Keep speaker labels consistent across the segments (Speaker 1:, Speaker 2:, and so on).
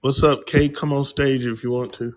Speaker 1: What's up, Kate? Come on stage if you want to.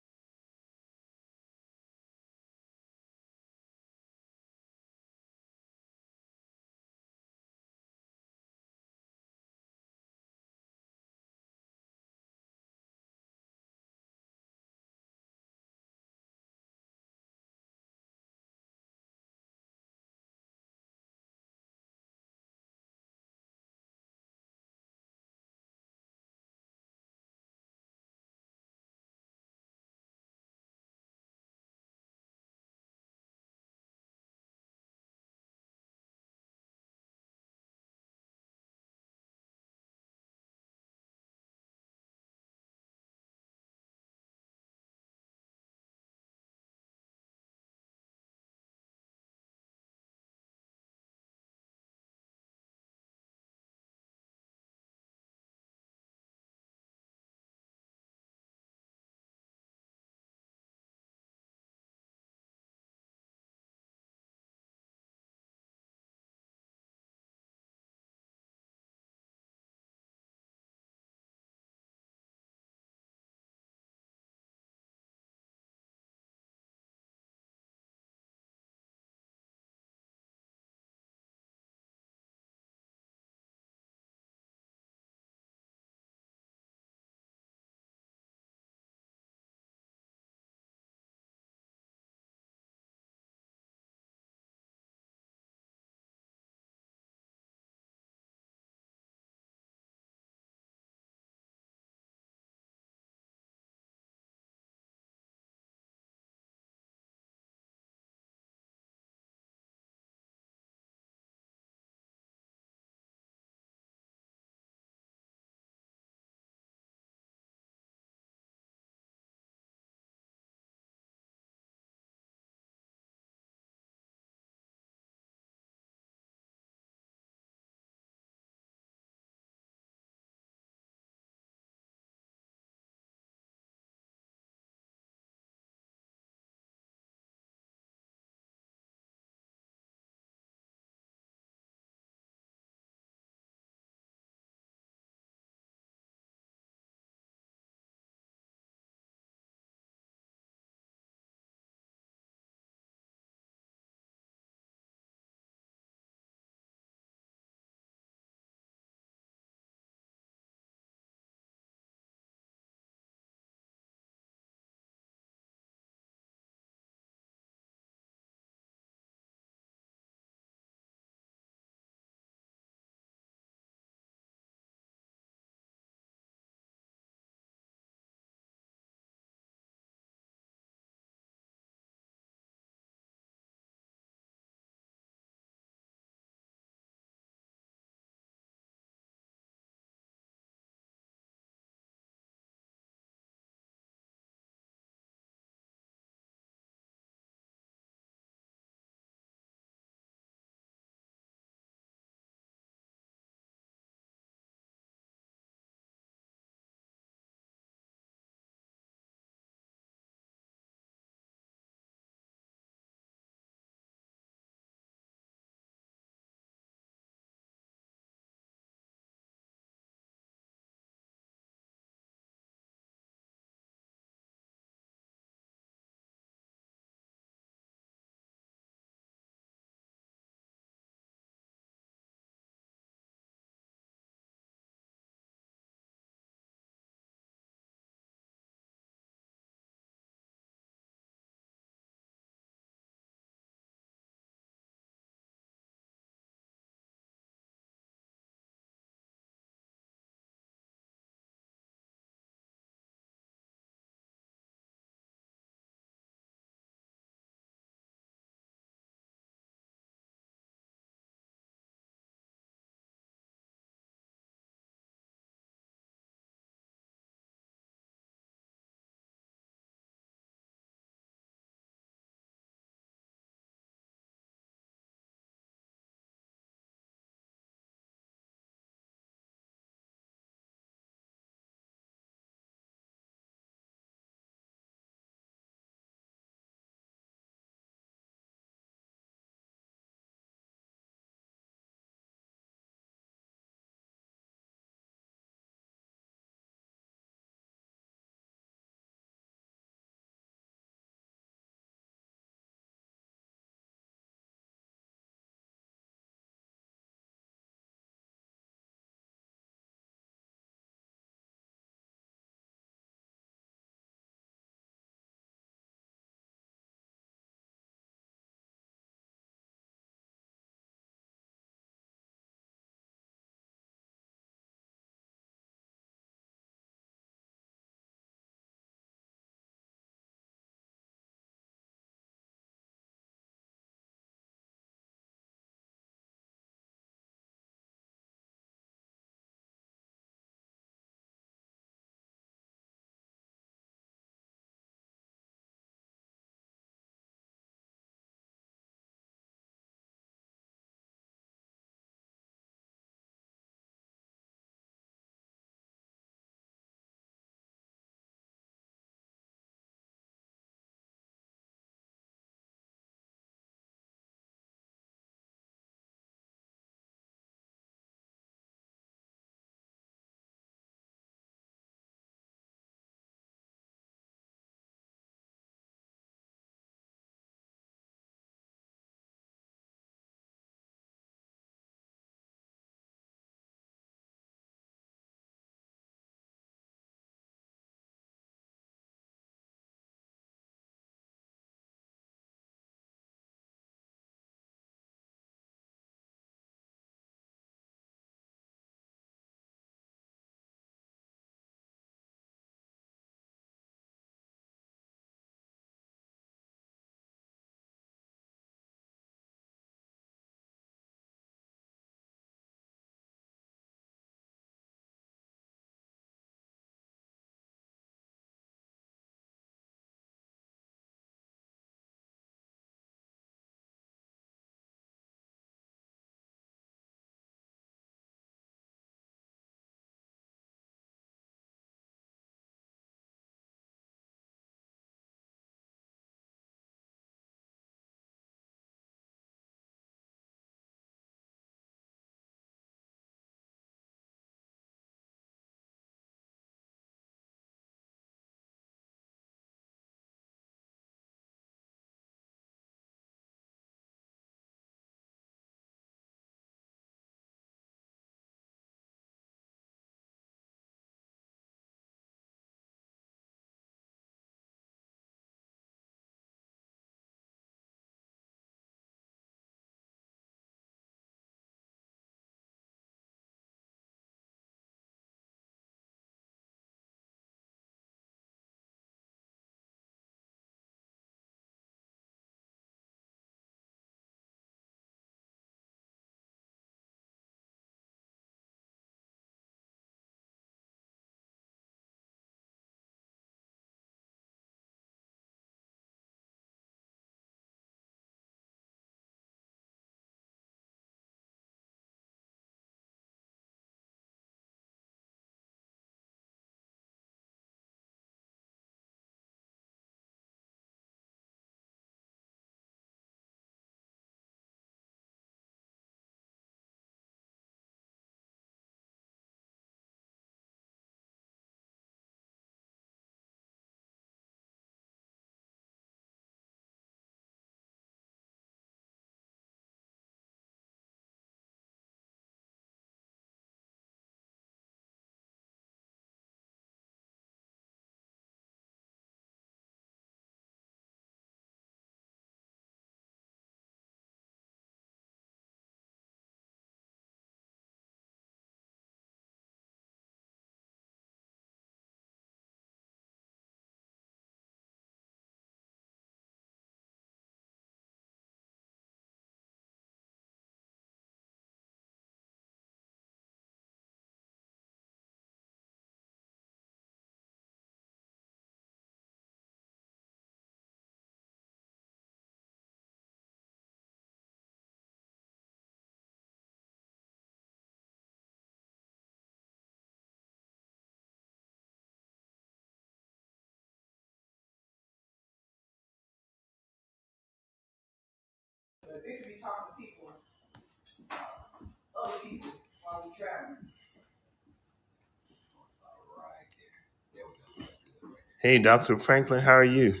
Speaker 1: Hey, Dr. Franklin, how are you?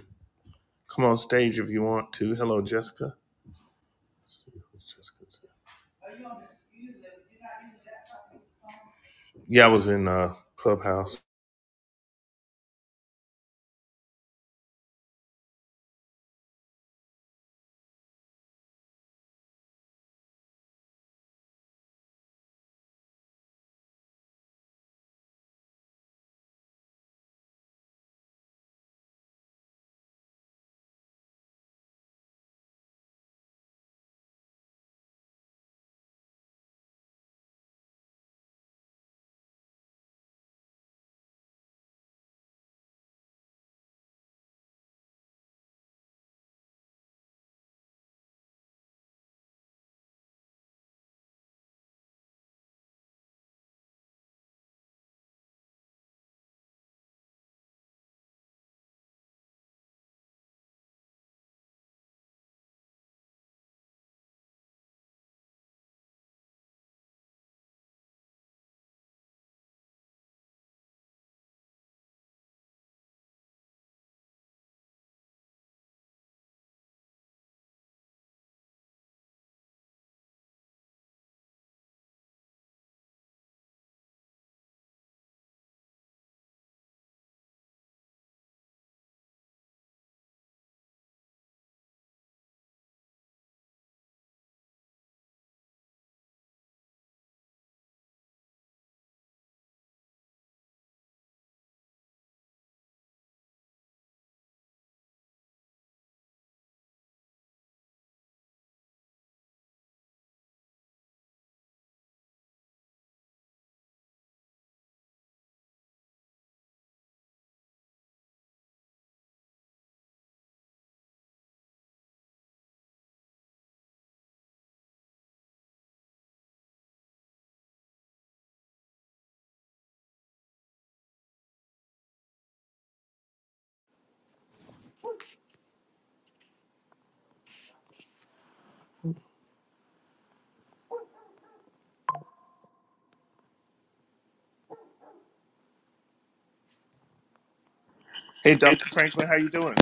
Speaker 1: Come on stage if you want to. Hello, Jessica. Let's see who's Jessica's here. Yeah, I was in uh, Clubhouse. Hey,
Speaker 2: It-
Speaker 1: Dr. Franklin, how you doing?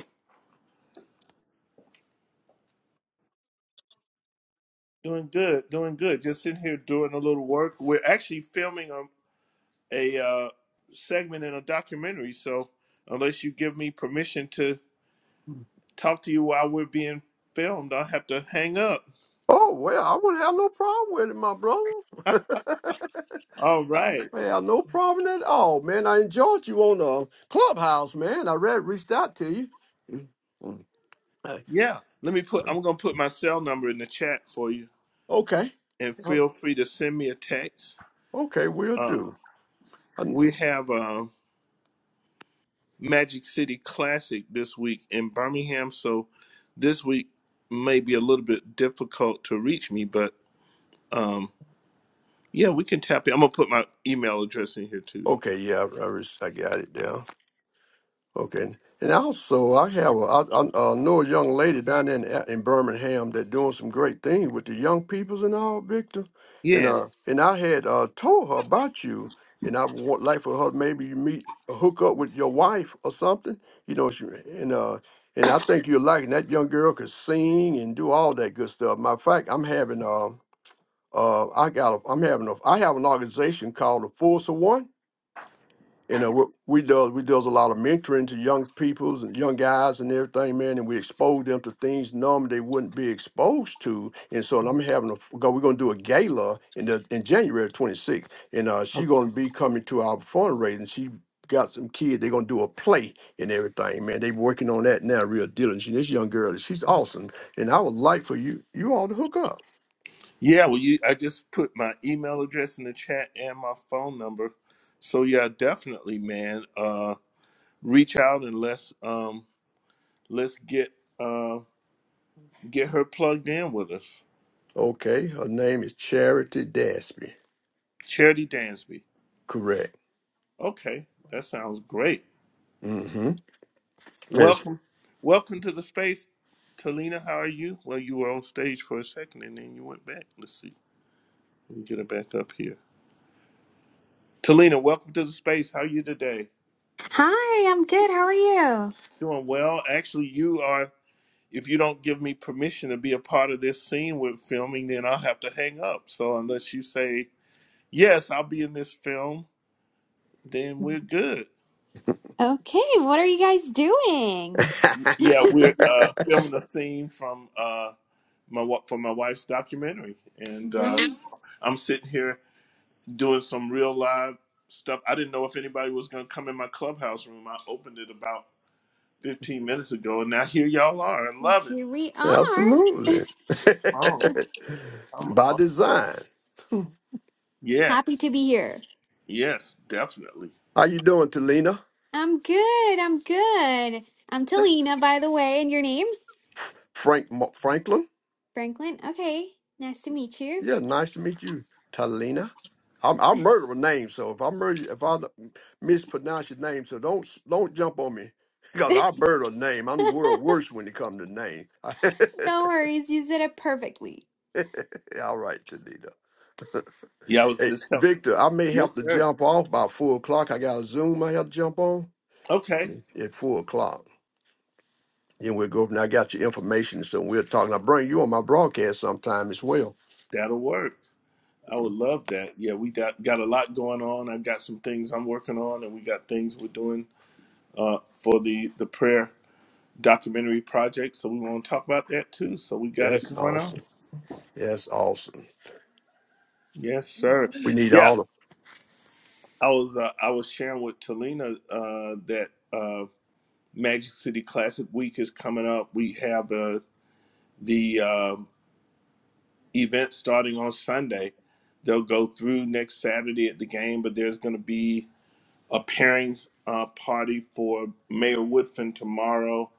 Speaker 1: Doing good, doing good. Just sitting here doing a little work. We're actually filming a, a uh, segment in a documentary, so unless you give me permission to talk to you while we're being filmed, I'll have to hang up.
Speaker 2: Oh well, I wouldn't have no problem with it, my brother.
Speaker 1: All right.
Speaker 2: Yeah, no problem at all, man. I enjoyed you on the clubhouse, man. I read reached out to you. Mm, mm, hey,
Speaker 1: Yeah. Let me put,
Speaker 2: uh,
Speaker 1: I'm going to put my cell number in the chat for you.
Speaker 2: Okay.
Speaker 1: and
Speaker 2: Uh,
Speaker 1: feel free to send me a text.
Speaker 2: Okay, we'll
Speaker 1: Uh,
Speaker 2: do. I-
Speaker 1: we have a Magic City Classic this week in Birmingham, so this week may be a little bit difficult to reach me, but um, yeah, we can tap in. I'm gonna put my email address in here too.
Speaker 2: Okay, yeah, I, I re- I got it there. Okay, and also I have a, I, I uh, know a young lady down there in, uh, in Birmingham that doing some great things with the young peoples and all, Victor. And
Speaker 1: Yeah,
Speaker 2: uh, and I had uh told her about you, and I would like for her maybe you meet uh, hook up with your wife or something. You know, she, and uh, and I think you're liking that young girl could sing and do all that good stuff. Matter of fact, I'm having uh, uh, I got a, I'm having a, I have an organization called the Force of One you know, what we does we does a lot of mentoring to young peoples and young guys and everything, man, and we expose them to things normally they wouldn't be exposed to. And so I'm having a go. We're gonna do a gala in the in January 26th, and uh, she's gonna be coming to our fundraising. She got some kids. They're gonna do a play and everything, man. They working on that now, real diligent. This young girl, she's awesome, and I would like for you you all to hook up.
Speaker 1: yeah. Well, you, I just put my email address in the chat and my phone number. So yeah, definitely, man. Uh, reach out and let's um, let's get uh, get her plugged in with us.
Speaker 2: Okay, her name is Charity Dasby.
Speaker 1: Charity Dansby.
Speaker 2: Correct.
Speaker 1: Okay, that sounds great.
Speaker 2: Mm-hmm. Yes.
Speaker 1: Welcome, welcome to the space, Talina. How are you? Well, you were on stage for a second and then you went back. Let's see, let me get her back up here. Talina, welcome to the space. How are you today?
Speaker 3: Hi, I'm good. How are you?
Speaker 1: Doing well. Actually, you are. If you don't give me permission to be a part of this scene with filming, then I'll have to hang up. So unless you say yes, I'll be in this film, then we're good.
Speaker 3: Okay, what are you guys doing?
Speaker 1: Yeah, we're uh, filming a scene from uh, my wa- for my wife's documentary, and uh,
Speaker 3: Not
Speaker 1: I'm sitting here doing some real live stuff. I didn't know if anybody was going to come in my clubhouse room. I opened it about 15 minutes ago, and now here y'all are. I
Speaker 3: good.
Speaker 1: love it.
Speaker 3: Here we are.
Speaker 2: Absolutely.
Speaker 1: Oh, I'm,
Speaker 2: By
Speaker 1: oh.
Speaker 2: design.
Speaker 1: yeah,
Speaker 3: Happy to be here.
Speaker 1: yes, definitely.
Speaker 2: How you doing, Talina?
Speaker 3: I'm good. I'm good. I'm Talina, by the way, and your name?
Speaker 2: Frank Mo- Franklin.
Speaker 3: Franklin. Okay, nice to meet you.
Speaker 2: Yeah, nice to meet you, Talina. I'm I murder a name, so if I murder if I mispronounce your name, so don't don't jump on me because I murder a name. I'm the world worst when it comes to name.
Speaker 3: No worries, you said it perfectly.
Speaker 2: All right, Talina.
Speaker 1: Yeah, I was
Speaker 2: Hey,
Speaker 1: just help.
Speaker 2: Victor, I may have
Speaker 1: Yes,
Speaker 2: to
Speaker 1: sir.
Speaker 2: jump off by four o'clock. I got a Zoom I have to jump on
Speaker 1: Okay,
Speaker 2: at four o'clock. And we'll go from there. I got your information, so we'll talk. And I'll bring you on my broadcast sometime as well.
Speaker 1: that'll work. I would love that. Yeah, we got got a lot going on. I've got some things I'm working on, and we got things we're doing uh, for the the prayer documentary project. So we want to talk about that too. So we got it
Speaker 2: That's
Speaker 1: going on.
Speaker 2: awesome. That's awesome.
Speaker 1: Yes, sir.
Speaker 2: We need
Speaker 1: Yeah,
Speaker 2: all of
Speaker 1: I was uh, I was sharing with Talina uh, that uh, Magic City Classic Week is coming up. We have uh, the um, event starting on Sunday. They'll go through next Saturday at the game, but there's going to be a pairings uh, party for Mayor Woodfin tomorrow,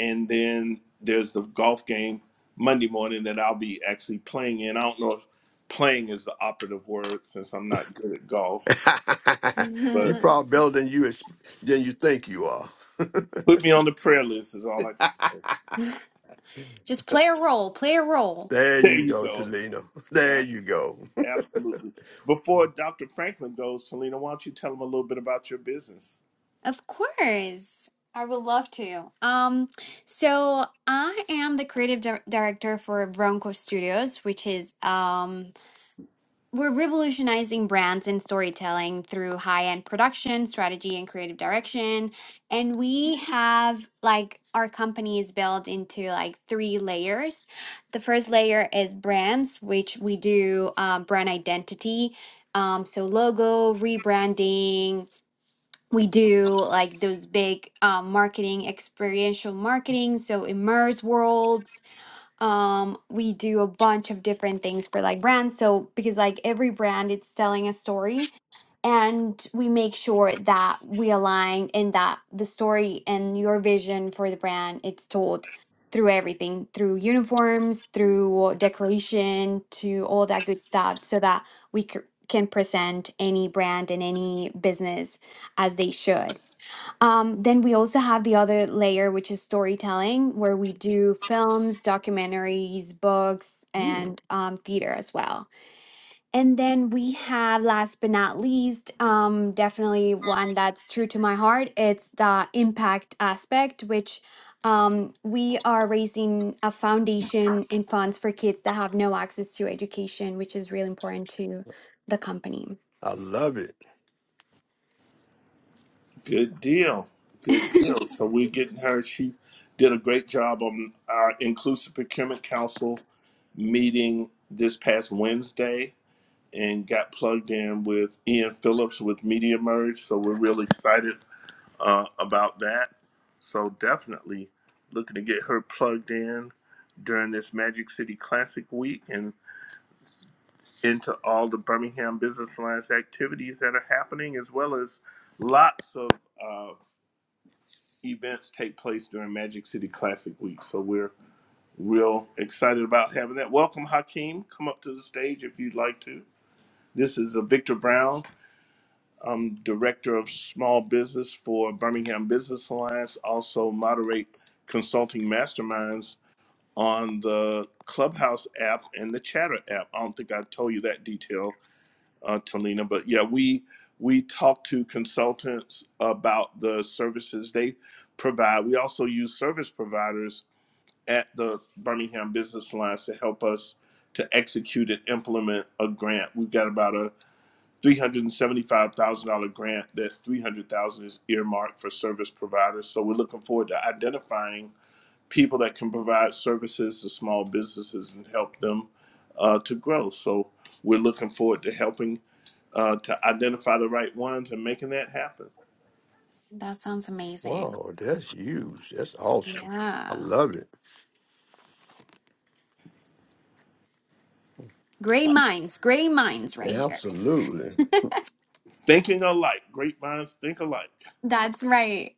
Speaker 1: and then there's the golf game Monday morning that I'll be actually playing in. I don't know if playing is the operative word since I'm not good at golf,
Speaker 3: Just
Speaker 2: you
Speaker 1: but
Speaker 2: probably better than you ex- than you think you are.
Speaker 1: put me on the prayer list is all I can say.
Speaker 3: play a role, play a role.
Speaker 2: there
Speaker 1: There
Speaker 2: you
Speaker 1: you
Speaker 2: go,
Speaker 1: go.
Speaker 2: Talina. There
Speaker 1: A-
Speaker 2: you go.
Speaker 1: Absolutely. Before Dr. Franklin goes, Talina, why don't you tell him a little bit about your business?
Speaker 3: Of course. I would love to. Um, so I am the creative di- director for Bronco Studios, which is um, we're revolutionizing brands and storytelling through high-end production, strategy, and creative direction. And we have like our company is built into like three layers. The first layer is brands, which we do um, brand identity. Um, so logo, rebranding, we do like those big um, marketing experiential marketing so immerse worlds um, we do a bunch of different things for like brands so because like every brand it's telling a story and we make sure that we align and that the story and your vision for the brand it's told through everything through uniforms through decoration to all that good stuff so that we c- can present any brand and any business as they should um, then we also have the other layer, which is storytelling, where we do films, documentaries, books,
Speaker 2: Hmm,
Speaker 3: and um, theater as well. And then we have, last but not least, um, definitely one that's true to my heart. It's the impact aspect, which um, we are raising a foundation and funds for kids that have no access to education, which is really important to the company.
Speaker 2: I love it.
Speaker 1: Good deal. Good deal. So we're getting her. She did a great job on our Inclusive Procurement Council meeting this past Wednesday and got plugged in with Ian Phillips with Media Merge. So we're really excited uh, about that. So definitely looking to get her plugged in during this Magic City Classic week and. into all the Birmingham Business Alliance activities that are happening, as well as lots of uh, events take place during Magic City Classic Week. So we're real excited about having that. Welcome, Hakeem. Come up to the stage if you'd like to. This is uh, Victor Brown, um, Director of Small Business for Birmingham Business Alliance, also moderate consulting masterminds on the Clubhouse app and the Chatter app. I don't think I told you that detail uh, Talina. But yeah, we we talk to consultants about the services they provide. We also use service providers at the Birmingham Business Alliance to help us to execute and implement a grant. We've got about a three hundred and seventy-five thousand dollar grant. That three hundred thousand dollars is earmarked for service providers. So we're looking forward to identifying people that can provide services to small businesses and help them uh, to grow. So we're looking forward to helping uh, to identify the right ones and making that happen.
Speaker 3: That sounds amazing.
Speaker 2: Wow, that's huge. That's awesome. I
Speaker 3: Yeah.
Speaker 2: love it.
Speaker 3: Gray minds, Gray minds, right here.
Speaker 2: Absolutely.
Speaker 1: Thinking alike, great minds think alike.
Speaker 3: That's right.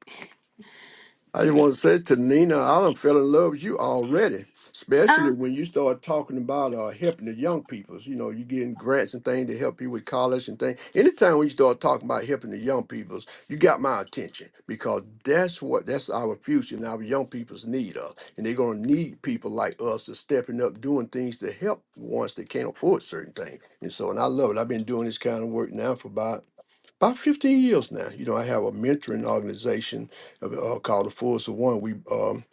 Speaker 2: I just
Speaker 1: That is.
Speaker 2: want to say to Nina, I done fell in love with you already, especially
Speaker 3: Ah,
Speaker 2: when you start talking about uh, helping the young people. You know, you getting grants and things to help you with college and things. Anytime when you start talking about helping the young peoples, you got my attention because that's what that's our future and our young people's need us. And they're gonna need people like us to stepping up, doing things to help the ones that can't afford certain things. And so and I love it. I've been doing this kind of work now for about about 15 years now. You know, I have a mentoring organization uh, uh, called the Force of One. We um,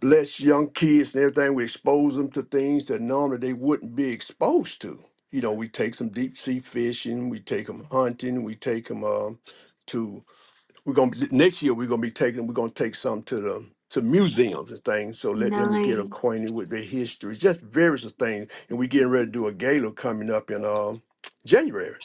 Speaker 2: bless young kids and everything. We expose them to things that normally they wouldn't be exposed to. You know, we take some deep sea fishing, we take them hunting, we take them um, to. We're gonna be, next year. We're gonna be taking. We're gonna take some to the to museums and things. So let them get
Speaker 3: nice.
Speaker 2: acquainted with their history, just various things. And we're getting ready to do a gala coming up in um January.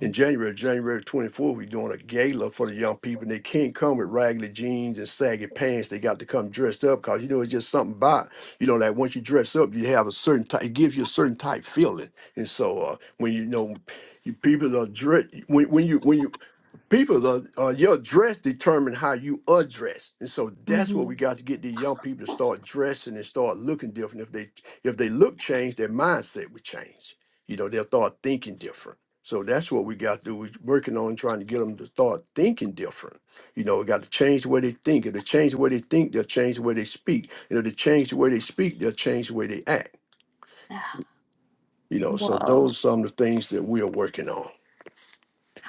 Speaker 2: In January, January 24th, we're doing a gala for the young people. And they can't come with raggedy jeans and saggy pants. They got to come dressed up because, you know, it's just something about, you know, like once you dress up, you have a certain type, it gives you a certain type feeling. And so uh, when you know you people are dressed, when, when you when you people are, uh, your dress determines how you are dressed and so that's what we
Speaker 3: hmm
Speaker 2: got to get the young people to start dressing and start looking different if they if they look changed their mindset would change you know they'll start thinking different so that's what we got to do we're working on trying to get them to start thinking different you know we got to change the way they think if they change the way they think they'll change the way they speak and if they change the way they speak they'll change the way they act you know so
Speaker 3: Whoa.
Speaker 2: those are some of the things that we are working on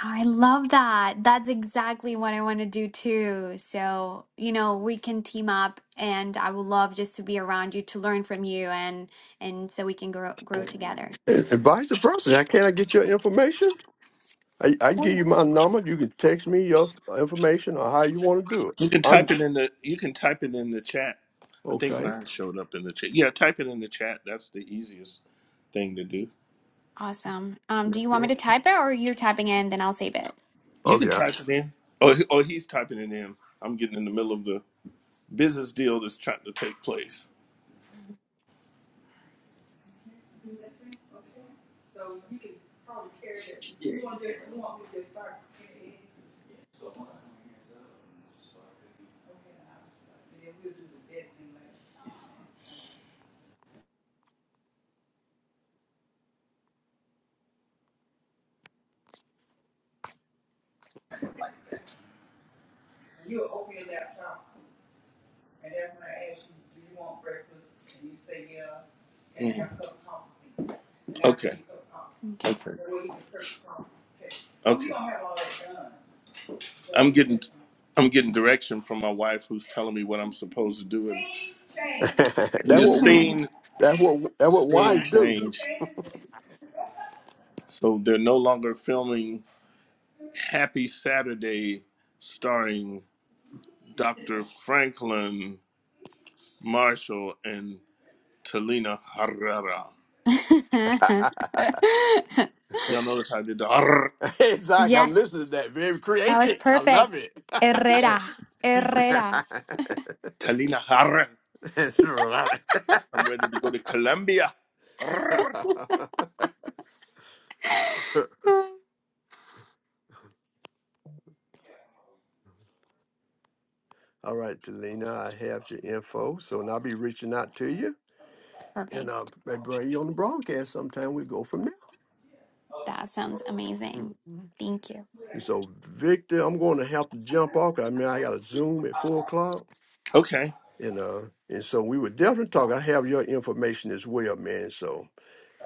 Speaker 3: I love that. That's exactly what I want to do too. So, you know, we can team up and I would love just to be around you to learn from you and and so we can grow grow together.
Speaker 2: and, and vice versa how can i get your information I, I can give
Speaker 3: Cool.
Speaker 2: you my number. You can text me your information or how you want to do it.
Speaker 1: You can
Speaker 2: I'm
Speaker 1: type it in the. You can type it in the chat. I think
Speaker 2: okay.
Speaker 1: mine showed up in the chat. Yeah, type it in the chat. That's the easiest thing to do.
Speaker 3: Awesome. Um, do you want me to type it or you're typing in, then I'll save it.
Speaker 1: You can
Speaker 2: Okay.
Speaker 1: type it in. Oh, he- oh, he's typing it in. I'm getting in the middle of the business deal that's trying to take place.
Speaker 3: Okay.
Speaker 1: Okay. I'm getting I'm getting direction from my wife who's telling me what I'm supposed to do and,
Speaker 2: that
Speaker 1: and the
Speaker 2: what
Speaker 1: scene
Speaker 2: that what that what
Speaker 1: scene
Speaker 2: wives do.
Speaker 1: changed. So they're no longer filming Happy Saturday starring Dr. Franklin Marshall and Talina Herrera. Y'all notice how I did the Arr.
Speaker 2: exactly. I'm listening to
Speaker 3: Yes.
Speaker 2: that. Very
Speaker 3: That was
Speaker 2: creative. I love
Speaker 3: perfect.
Speaker 2: it.
Speaker 3: Herrera.
Speaker 1: Yes. I'm
Speaker 3: Herrera.
Speaker 1: Talina Herrera.
Speaker 2: That's right.
Speaker 1: I'm ready to go to Colombia. Arr.
Speaker 2: All right, Delina, I have your info, so and I'll be reaching out to you, and
Speaker 3: Perfect.
Speaker 2: uh, may bring you on the broadcast sometime. We go from
Speaker 3: That sounds amazing.
Speaker 2: there.
Speaker 3: Thank you.
Speaker 2: And so, Victor, I'm going to have to jump off. 'cause I mean, I got a Zoom at four o'clock,
Speaker 1: Okay.
Speaker 2: and uh, and so we would definitely talk. I have your information as well, man. So,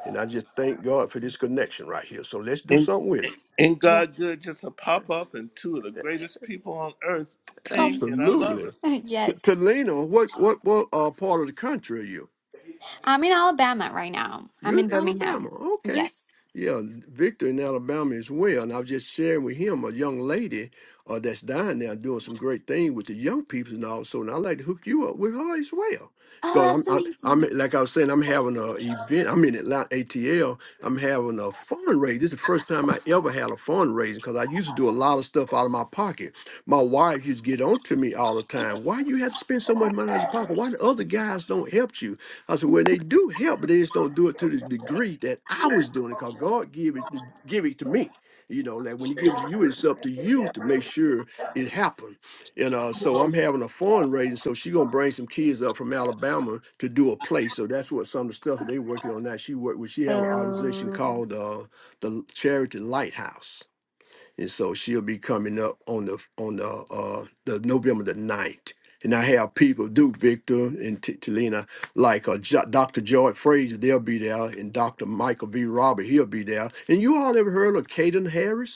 Speaker 2: and I just thank God for this connection right here. So let's do
Speaker 1: And
Speaker 2: something with
Speaker 1: Ain't God
Speaker 3: Yes.
Speaker 1: good just to pop up and two of the
Speaker 2: it.
Speaker 1: greatest people on earth came and I love
Speaker 2: Absolutely.
Speaker 1: it.
Speaker 2: T-
Speaker 3: Yes.
Speaker 2: Talina, what what what uh, part of the country are you?
Speaker 3: I'm in Alabama right now. I'm
Speaker 2: You're
Speaker 3: in
Speaker 2: in Alabama.
Speaker 3: Birmingham.
Speaker 2: Okay.
Speaker 3: Yes.
Speaker 2: Yeah, Victor in Alabama as well. And I was just sharing with him a young lady uh, that's down there doing some great thing with the young people and all. So, And I'd like to hook you up with her as well.
Speaker 3: Oh,
Speaker 2: Because I'm,
Speaker 3: that's
Speaker 2: I'm,
Speaker 3: amazing.
Speaker 2: I'm,
Speaker 3: Yes.
Speaker 2: like I was saying, I'm having a event. I'm in Atlanta ATL. I'm having a fundraiser. This is the first time I ever had a fundraiser because I used to do a lot of stuff out of my pocket. My wife used to get on to me all the time. Why you have to spend so much money out of your pocket? Why the other guys don't help you? I said, when they do help, but they just don't do it to the degree that I was doing it, because God give it give it to me. You know, like when He gives you, it's up to you to make sure it happens. And uh, so I'm having a fundraiser, so she gonna bring some kids up from Alabama to do a play. So that's what some of the stuff that they working on now. She work with she have an organization
Speaker 3: Oh.
Speaker 2: called uh, the Charity Lighthouse and so she'll be coming up on the on the uh the November the ninth, And I have people, Duke Victor and T- Talina, like uh, jo- Dr. George Fraser, they'll be there, and Dr. Michael V. Robert, he'll be there. And you all ever heard of Caden Harris?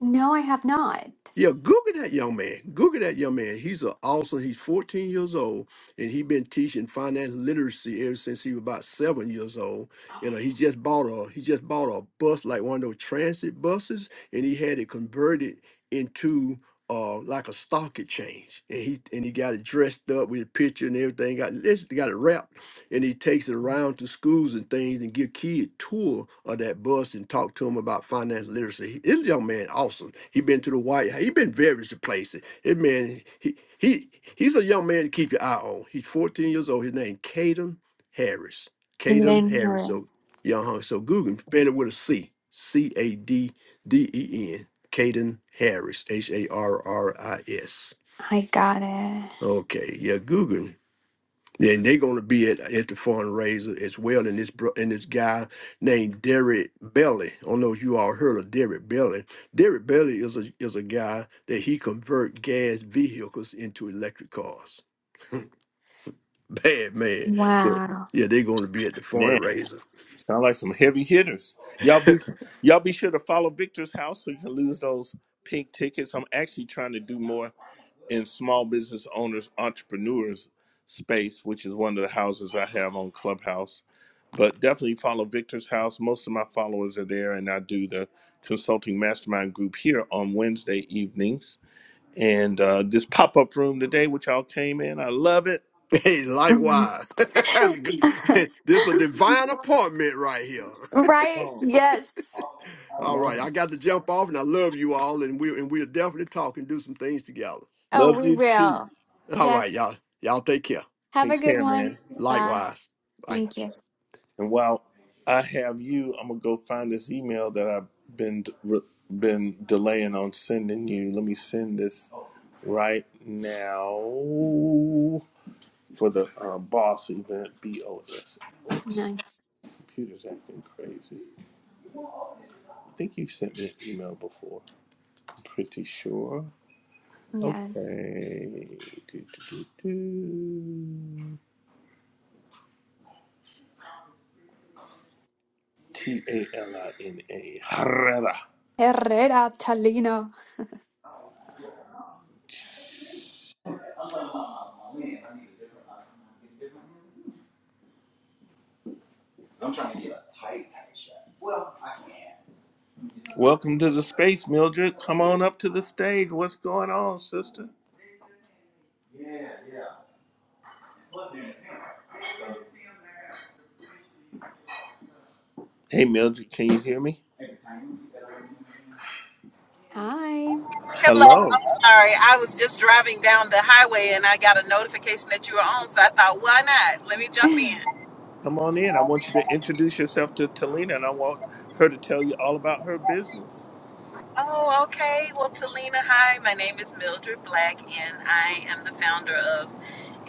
Speaker 3: No, I have not.
Speaker 2: Yeah, Google that young man. Google that young man. He's a awesome. He's 14 years old, and he's been teaching finance literacy ever since he was about seven years old. You know,
Speaker 3: Oh,
Speaker 2: he just bought a he just bought a bus like one of those transit buses, and he had it converted into uh like a stock exchange. And he and he got it dressed up with a picture and everything. Got it's got it wrapped and he takes it around to schools and things and give kids tour of that bus and talk to them about financial literacy. This young man awesome. He been to the White House. He been various places. It man, he he he's a young man to keep your eye on. He's 14 years old. His name Caden Harris.
Speaker 3: And
Speaker 2: Caden
Speaker 3: then here
Speaker 2: Harris.
Speaker 3: it
Speaker 2: So
Speaker 3: is.
Speaker 2: young huh? So Google him. spell it with a C. C A D D E N. Caden Harris. H A R R I S.
Speaker 3: I got it.
Speaker 2: Okay. Yeah, Google. him. Then they're going to be at, at the fundraiser as well. And this bro- and this guy named Derek Belly. I don't know if you all heard of Derek Belly. Derek Belly is a is a guy that he convert gas vehicles into electric cars. Bad man. So
Speaker 3: Wow.
Speaker 2: yeah, they're going to be at the
Speaker 1: Man,
Speaker 2: fundraiser.
Speaker 1: sound like some heavy hitters. Y'all be y'all be sure to follow Victor's house so you can lose those pink tickets. I'm actually trying to do more in small business owners, entrepreneurs space, which is one of the houses I have on Clubhouse. But definitely follow Victor's house. Most of my followers are there, and I do the consulting mastermind group here on Wednesday evenings and uh, this pop up room today, which y'all came in. I love it.
Speaker 2: Hey, likewise, this is a divine appointment right here.
Speaker 3: Right? Yes.
Speaker 2: All right,
Speaker 1: Wow.
Speaker 2: I got to jump off, and I love you all, and we and we'll definitely talk and do some things together.
Speaker 3: Oh,
Speaker 1: Love
Speaker 3: we
Speaker 1: you too.
Speaker 3: will.
Speaker 2: All right,
Speaker 3: Yes.
Speaker 2: y'all, y'all take care.
Speaker 3: Have a
Speaker 1: Take
Speaker 3: good
Speaker 1: care,
Speaker 3: one.
Speaker 1: man.
Speaker 3: Bye.
Speaker 2: Likewise. Bye.
Speaker 3: Thank you.
Speaker 1: And while I have you, I'm gonna go find this email that I've been re- been delaying on sending you. Let me send this right now for the uh, boss event. B O S. Oops,
Speaker 3: Nice.
Speaker 1: computer's acting crazy. I think you sent me an email before. Pretty sure.
Speaker 3: Yes.
Speaker 1: Okay. Do, do, do, do. T A L I N A. Harada.
Speaker 3: Herrera Talino.
Speaker 1: Welcome to the space, Mildred. Come on up to the stage. What's going on, sister? Hey, Mildred, can you hear me?
Speaker 3: Hi.
Speaker 4: Hello,
Speaker 1: Hello.
Speaker 4: I'm sorry. I was just driving down the highway and I got a notification that you were on, so I thought, why not? Let me jump in.
Speaker 1: Come on in. I want you to introduce yourself to Talina, and I want her to tell you all about her business.
Speaker 4: Oh, okay. Well, Talina, hi. My name is Mildred Black, and I am the founder of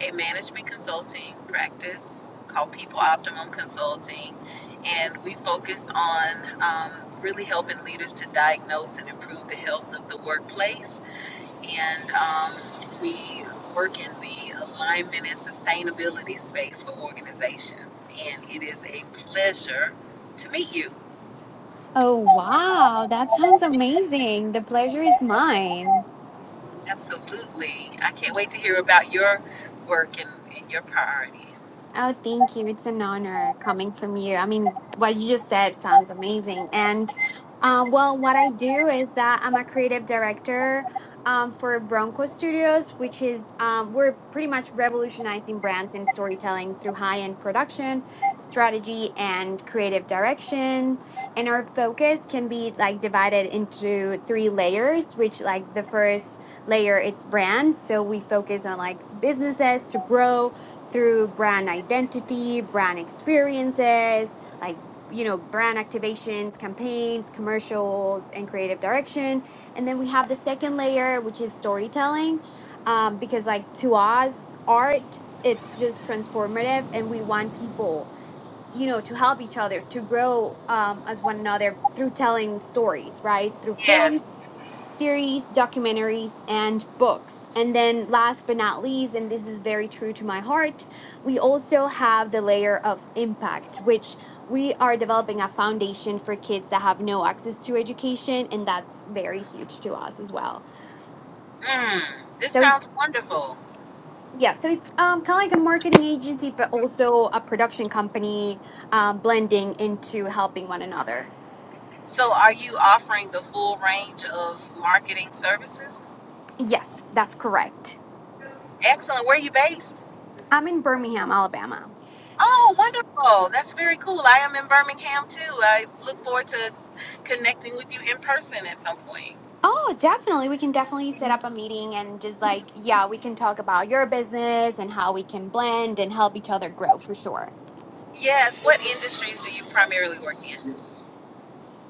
Speaker 4: a management consulting practice called People Optimum Consulting. And we focus on um, really helping leaders to diagnose and improve the health of the workplace and um, we work in the alignment and sustainability space for organizations. And it is a pleasure to meet you.
Speaker 3: Oh, wow. That sounds amazing. The pleasure is mine.
Speaker 4: Absolutely. I can't wait to hear about your work and, and your priorities.
Speaker 3: Oh, thank you. It's an honor coming from you. I mean, what you just said sounds amazing. And uh, well, what I do is that I'm a creative director um, for Bronco Studios, which is um, we're pretty much revolutionizing brands and storytelling through high-end production, strategy, and creative direction. And our focus can be like divided into three layers, which like the first layer, it's brands. So we focus on like businesses to grow through brand identity, brand experiences, like, you know, brand activations, campaigns, commercials, and creative direction. And then we have the second layer, which is storytelling, um, because, like, to us, art, it's just transformative, and we want people, you know, to help each other, to grow um, as one another through telling stories, right? Through films
Speaker 4: Yes.
Speaker 3: series, documentaries, and books. And then, last but not least, and this is very true to my heart, we also have the layer of impact, which we are developing a foundation for kids that have no access to education, and that's very huge to us as well.
Speaker 4: Mm, this
Speaker 3: So, it's
Speaker 4: sounds wonderful.
Speaker 3: yeah, so it's um, kind of like a marketing agency, but also a production company um, blending into helping one another.
Speaker 4: So, are you offering the full range of marketing services?
Speaker 3: Yes, that's correct.
Speaker 4: Excellent. Where are you based?
Speaker 3: I'm in Birmingham, Alabama.
Speaker 4: Oh, wonderful. That's very cool. I am in Birmingham too. I look forward to connecting with you in person at some point.
Speaker 3: Oh, definitely. We can definitely set up a meeting and just like, yeah, we can talk about your business and how we can blend and help each other grow for sure.
Speaker 4: Yes, what industries do you primarily work in?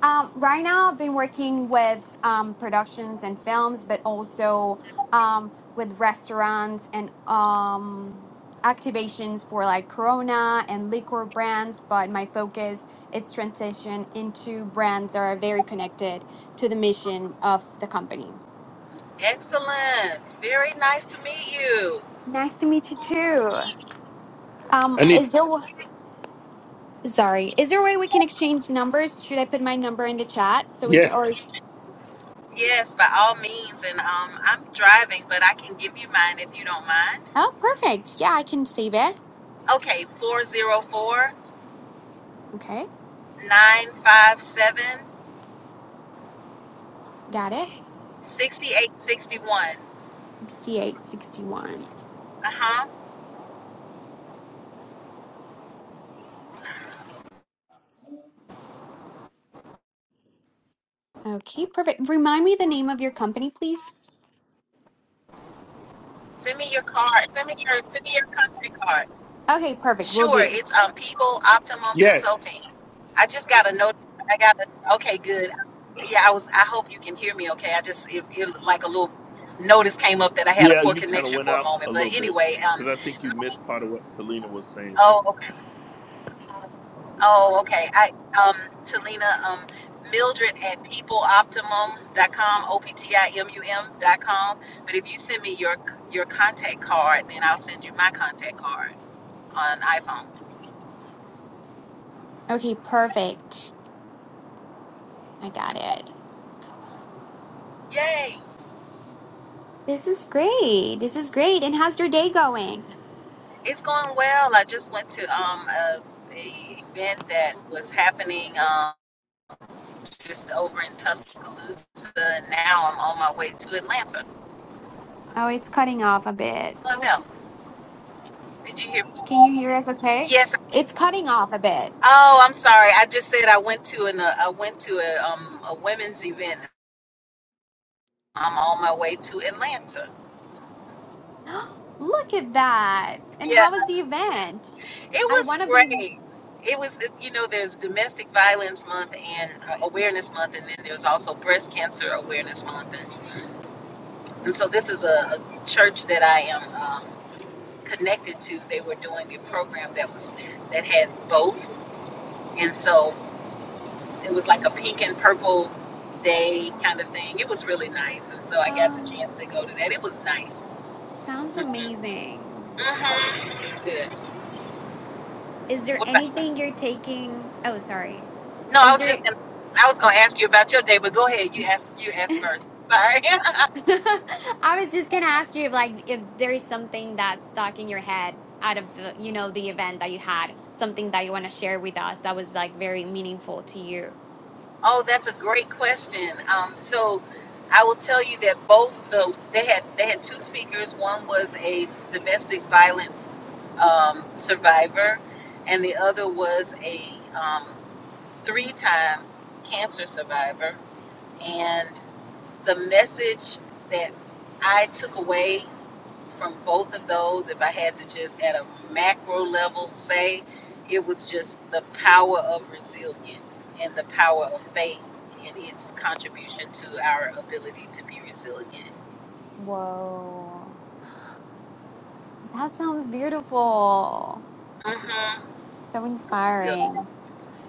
Speaker 3: Um, right now, I've been working with um, productions and films, but also um, with restaurants and um, activations for like Corona and liquor brands. But my focus is transition into brands that are very connected to the mission of the company.
Speaker 4: Excellent. Very nice to meet you.
Speaker 3: Nice to meet you too. Um,
Speaker 1: I need.
Speaker 3: is your Sorry. Is there a way we can exchange numbers? Should I put my number in the chat so we can, or,
Speaker 1: Yes.
Speaker 4: Yes, by all means. And um, I'm driving, but I can give you mine if you don't mind.
Speaker 3: oh, perfect. Yeah, I can save it.
Speaker 4: Okay, Four zero four
Speaker 3: Okay,
Speaker 4: nine five seven
Speaker 3: got it.
Speaker 4: sixty eight sixty one.
Speaker 3: 6861.
Speaker 4: Uh huh.
Speaker 3: Okay, perfect. Remind me the name of your company, please.
Speaker 4: Send me your card. Send me your send me your contact card.
Speaker 3: Okay, perfect. Will
Speaker 4: Sure,
Speaker 3: do.
Speaker 4: it's um People Optimum
Speaker 1: Yes.
Speaker 4: Consulting. I just got a note. I got a okay, good. Yeah, I was. I hope you can hear me. Okay, I just it, it looked like a little notice came up that I had a
Speaker 1: Yeah,
Speaker 4: poor
Speaker 1: you kind of
Speaker 4: connection
Speaker 1: went
Speaker 4: for a
Speaker 1: out a
Speaker 4: moment. But
Speaker 1: little bit
Speaker 4: anyway, um,
Speaker 1: because I think you missed part of what Talina was saying.
Speaker 4: oh okay, oh okay. I um Talina um Mildred at peopleoptimum.com, o p t i m u m dot com. But if you send me your your contact card, then I'll send you my contact card on iPhone.
Speaker 3: Okay, perfect. I got it.
Speaker 4: Yay!
Speaker 3: This is great. This is great. And how's your day going?
Speaker 4: It's going well. I just went to um a, a event that was happening um just over in Tuscaloosa. Now I'm on my way to Atlanta.
Speaker 3: Oh, it's cutting off a bit.
Speaker 4: It's going well. Did you hear?
Speaker 3: Can you hear us okay?
Speaker 4: Yes.
Speaker 3: It's cutting off a bit.
Speaker 4: Oh, I'm sorry. I just said I went to an uh, I went to a um a women's event. I'm on my way to Atlanta.
Speaker 3: Look at that. And
Speaker 4: Yeah,
Speaker 3: how was the event?
Speaker 4: it
Speaker 3: I
Speaker 4: was
Speaker 3: want to be.
Speaker 4: great. It was, you know, there's Domestic Violence Month and uh, Awareness Month, and then there's also Breast Cancer Awareness Month. And so this is a, a church that I am um, connected to. They were doing a program that was that had both, and so it was like a
Speaker 3: Um,
Speaker 4: pink and purple day
Speaker 3: yeah.
Speaker 4: kind of thing. It was really nice, and so I got the
Speaker 3: Um,
Speaker 4: chance to go to that. It was nice.
Speaker 3: sounds
Speaker 4: Mm-hmm.
Speaker 3: amazing.
Speaker 4: Mm-hmm. It was good.
Speaker 3: Is there
Speaker 4: What about,
Speaker 3: anything you're taking? Oh, sorry.
Speaker 4: no, I
Speaker 3: Is
Speaker 4: was
Speaker 3: there?
Speaker 4: just gonna, I was gonna ask you about your day, but go ahead. You ask you ask first. Sorry.
Speaker 3: I was just gonna ask you if like if there is something that's stuck in your head out of the you know the event that you had, something that you want to share with us that was like very meaningful to you.
Speaker 4: Oh, that's a great question. Um, so I will tell you that both the they had they had two speakers. One was a domestic violence um, survivor, and the other was a um, three-time cancer survivor. And the message that I took away from both of those, if I had to just at a macro level say, it was just the power of resilience and the power of faith and its contribution to our ability to be resilient.
Speaker 3: Whoa, that sounds beautiful.
Speaker 4: Mm-hmm.
Speaker 3: So
Speaker 4: Resil-
Speaker 3: inspiring.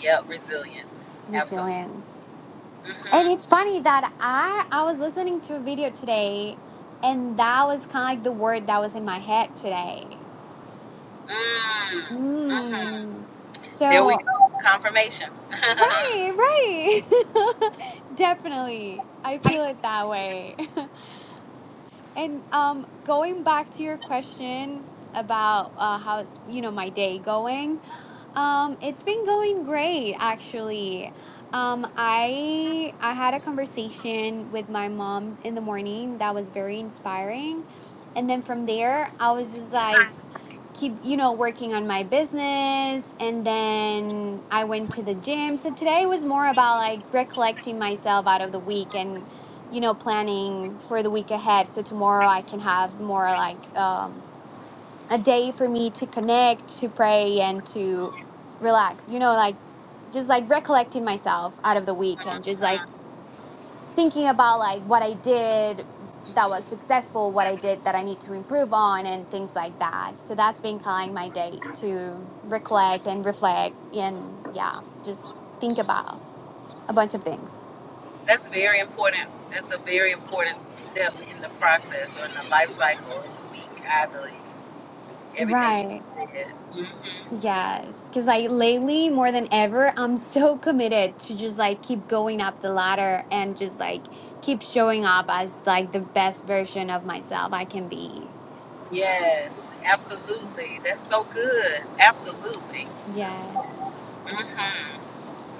Speaker 4: yeah, resilience. Absolutely.
Speaker 3: Resilience. And
Speaker 4: Mm-hmm.
Speaker 3: it's funny that I I was listening to a video today and that was kind of like the word that was in my head today.
Speaker 4: Mm. Mm-hmm.
Speaker 3: Mm.
Speaker 4: There we go.
Speaker 3: So,
Speaker 4: Confirmation.
Speaker 3: right, right. Definitely. I feel it that way. And um going back to your question about uh how's, you know, my day going. Um it's been going great actually. Um I I had a conversation with my mom in the morning that was very inspiring. And then from there, I was just like keep you know working on my business and then i went to the gym so today was more about like recollecting myself out of the week and you know planning for the week ahead so tomorrow i can have more like um a day for me to connect to pray and to relax you know like just like recollecting myself out of the week and just like thinking about like what I did that was successful, what I did that I need to improve on, and things like that. So that's been kind of my day to recollect and reflect and yeah, just think about a bunch of things.
Speaker 4: That's very important. That's a very important step in the process or in the life cycle of the week, I believe. everything
Speaker 3: Right.
Speaker 4: you did. hmm
Speaker 3: Yes. Because like lately, more than ever, I'm so committed to just like keep going up the ladder and just like keep showing up as like the best version of myself I can be.
Speaker 4: Yes, absolutely. That's so good. Absolutely.
Speaker 3: Yes.
Speaker 4: hmm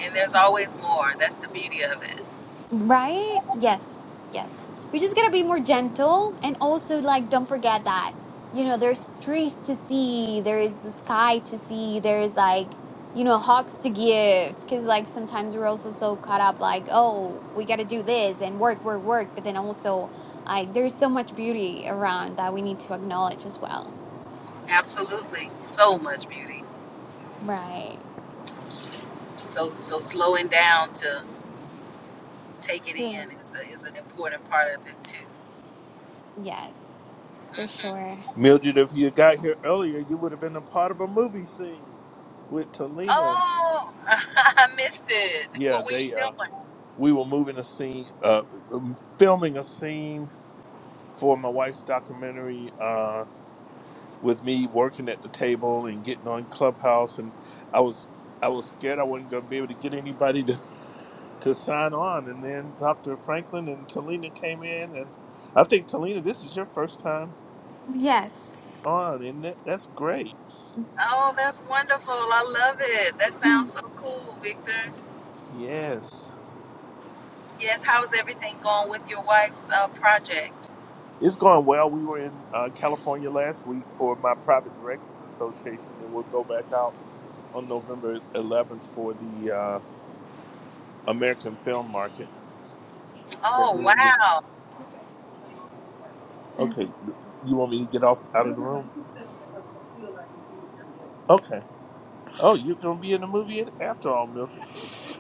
Speaker 4: And there's always more. That's the beauty of it.
Speaker 3: Right? Yes. Yes. We just gotta be more gentle and also like don't forget that, you know, there's trees to see, there is the sky to see, there's like, you know, hugs to give. Cause like sometimes we're also so caught up like, oh, we gotta do this and work, work, work. But then also like there's so much beauty around that we need to acknowledge as well.
Speaker 4: Absolutely. So much beauty.
Speaker 3: Right.
Speaker 4: So so slowing down to take it
Speaker 3: Sure.
Speaker 4: in is, a, is an important part of it too.
Speaker 3: Yes, for
Speaker 4: hmm
Speaker 3: sure.
Speaker 1: Mildred, if you got here earlier, you would have been a part of a movie scene with Talina.
Speaker 4: Oh, I missed it.
Speaker 1: Yeah,
Speaker 4: What were you
Speaker 1: they uh
Speaker 4: doing?
Speaker 1: we were moving a scene uh um, filming a scene for my wife's documentary uh with me working at the table and getting on Clubhouse and I was I was scared I wasn't going to be able to get anybody to to sign on and then Dr. Franklin and Talina came in and I think Talina this is your first time
Speaker 3: Yes.
Speaker 1: on and that, that's great.
Speaker 4: Oh, that's wonderful. I love it. That sounds so cool, Victor.
Speaker 1: Yes.
Speaker 4: Yes, how's everything going with your wife's uh, project?
Speaker 1: It's going well. We were in uh, California last week for my private directors association, and we'll go back out on November 11th for the uh, American film market.
Speaker 4: Oh, wow.
Speaker 3: That's
Speaker 1: Okay, you want me to get off? Uh, Okay. Oh, you're gonna be in the movie after all, Mildred.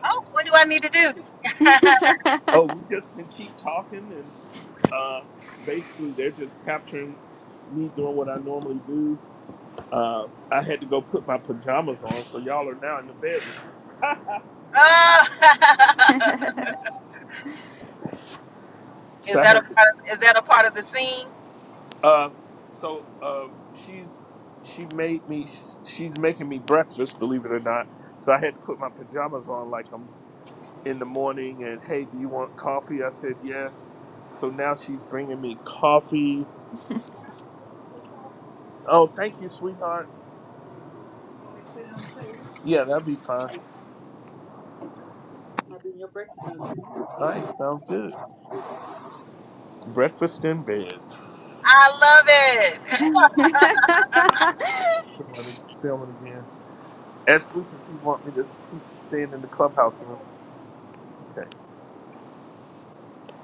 Speaker 4: Oh, what do I need to do?
Speaker 1: Oh, we just can keep talking, and uh, basically they're just capturing me doing what I normally do. Uh, I had to go put my pajamas on, so y'all are now in the bedroom.
Speaker 4: oh.
Speaker 1: So
Speaker 4: is
Speaker 1: I
Speaker 4: that a
Speaker 1: had
Speaker 4: part of, is that a part of the scene?
Speaker 1: Uh, so uh, she's she made me. She's making me breakfast. Believe it or not. So I had to put my pajamas on like I'm in the morning. And hey, do you want coffee? I said yes. So now she's bringing me coffee. Oh, thank you, sweetheart. Yeah, that'd be fine. All right, sounds good. Breakfast in bed.
Speaker 4: I love it.
Speaker 1: Come on, they gotta film it again. Ask Bruce if he want me to keep staying in the clubhouse room. Okay.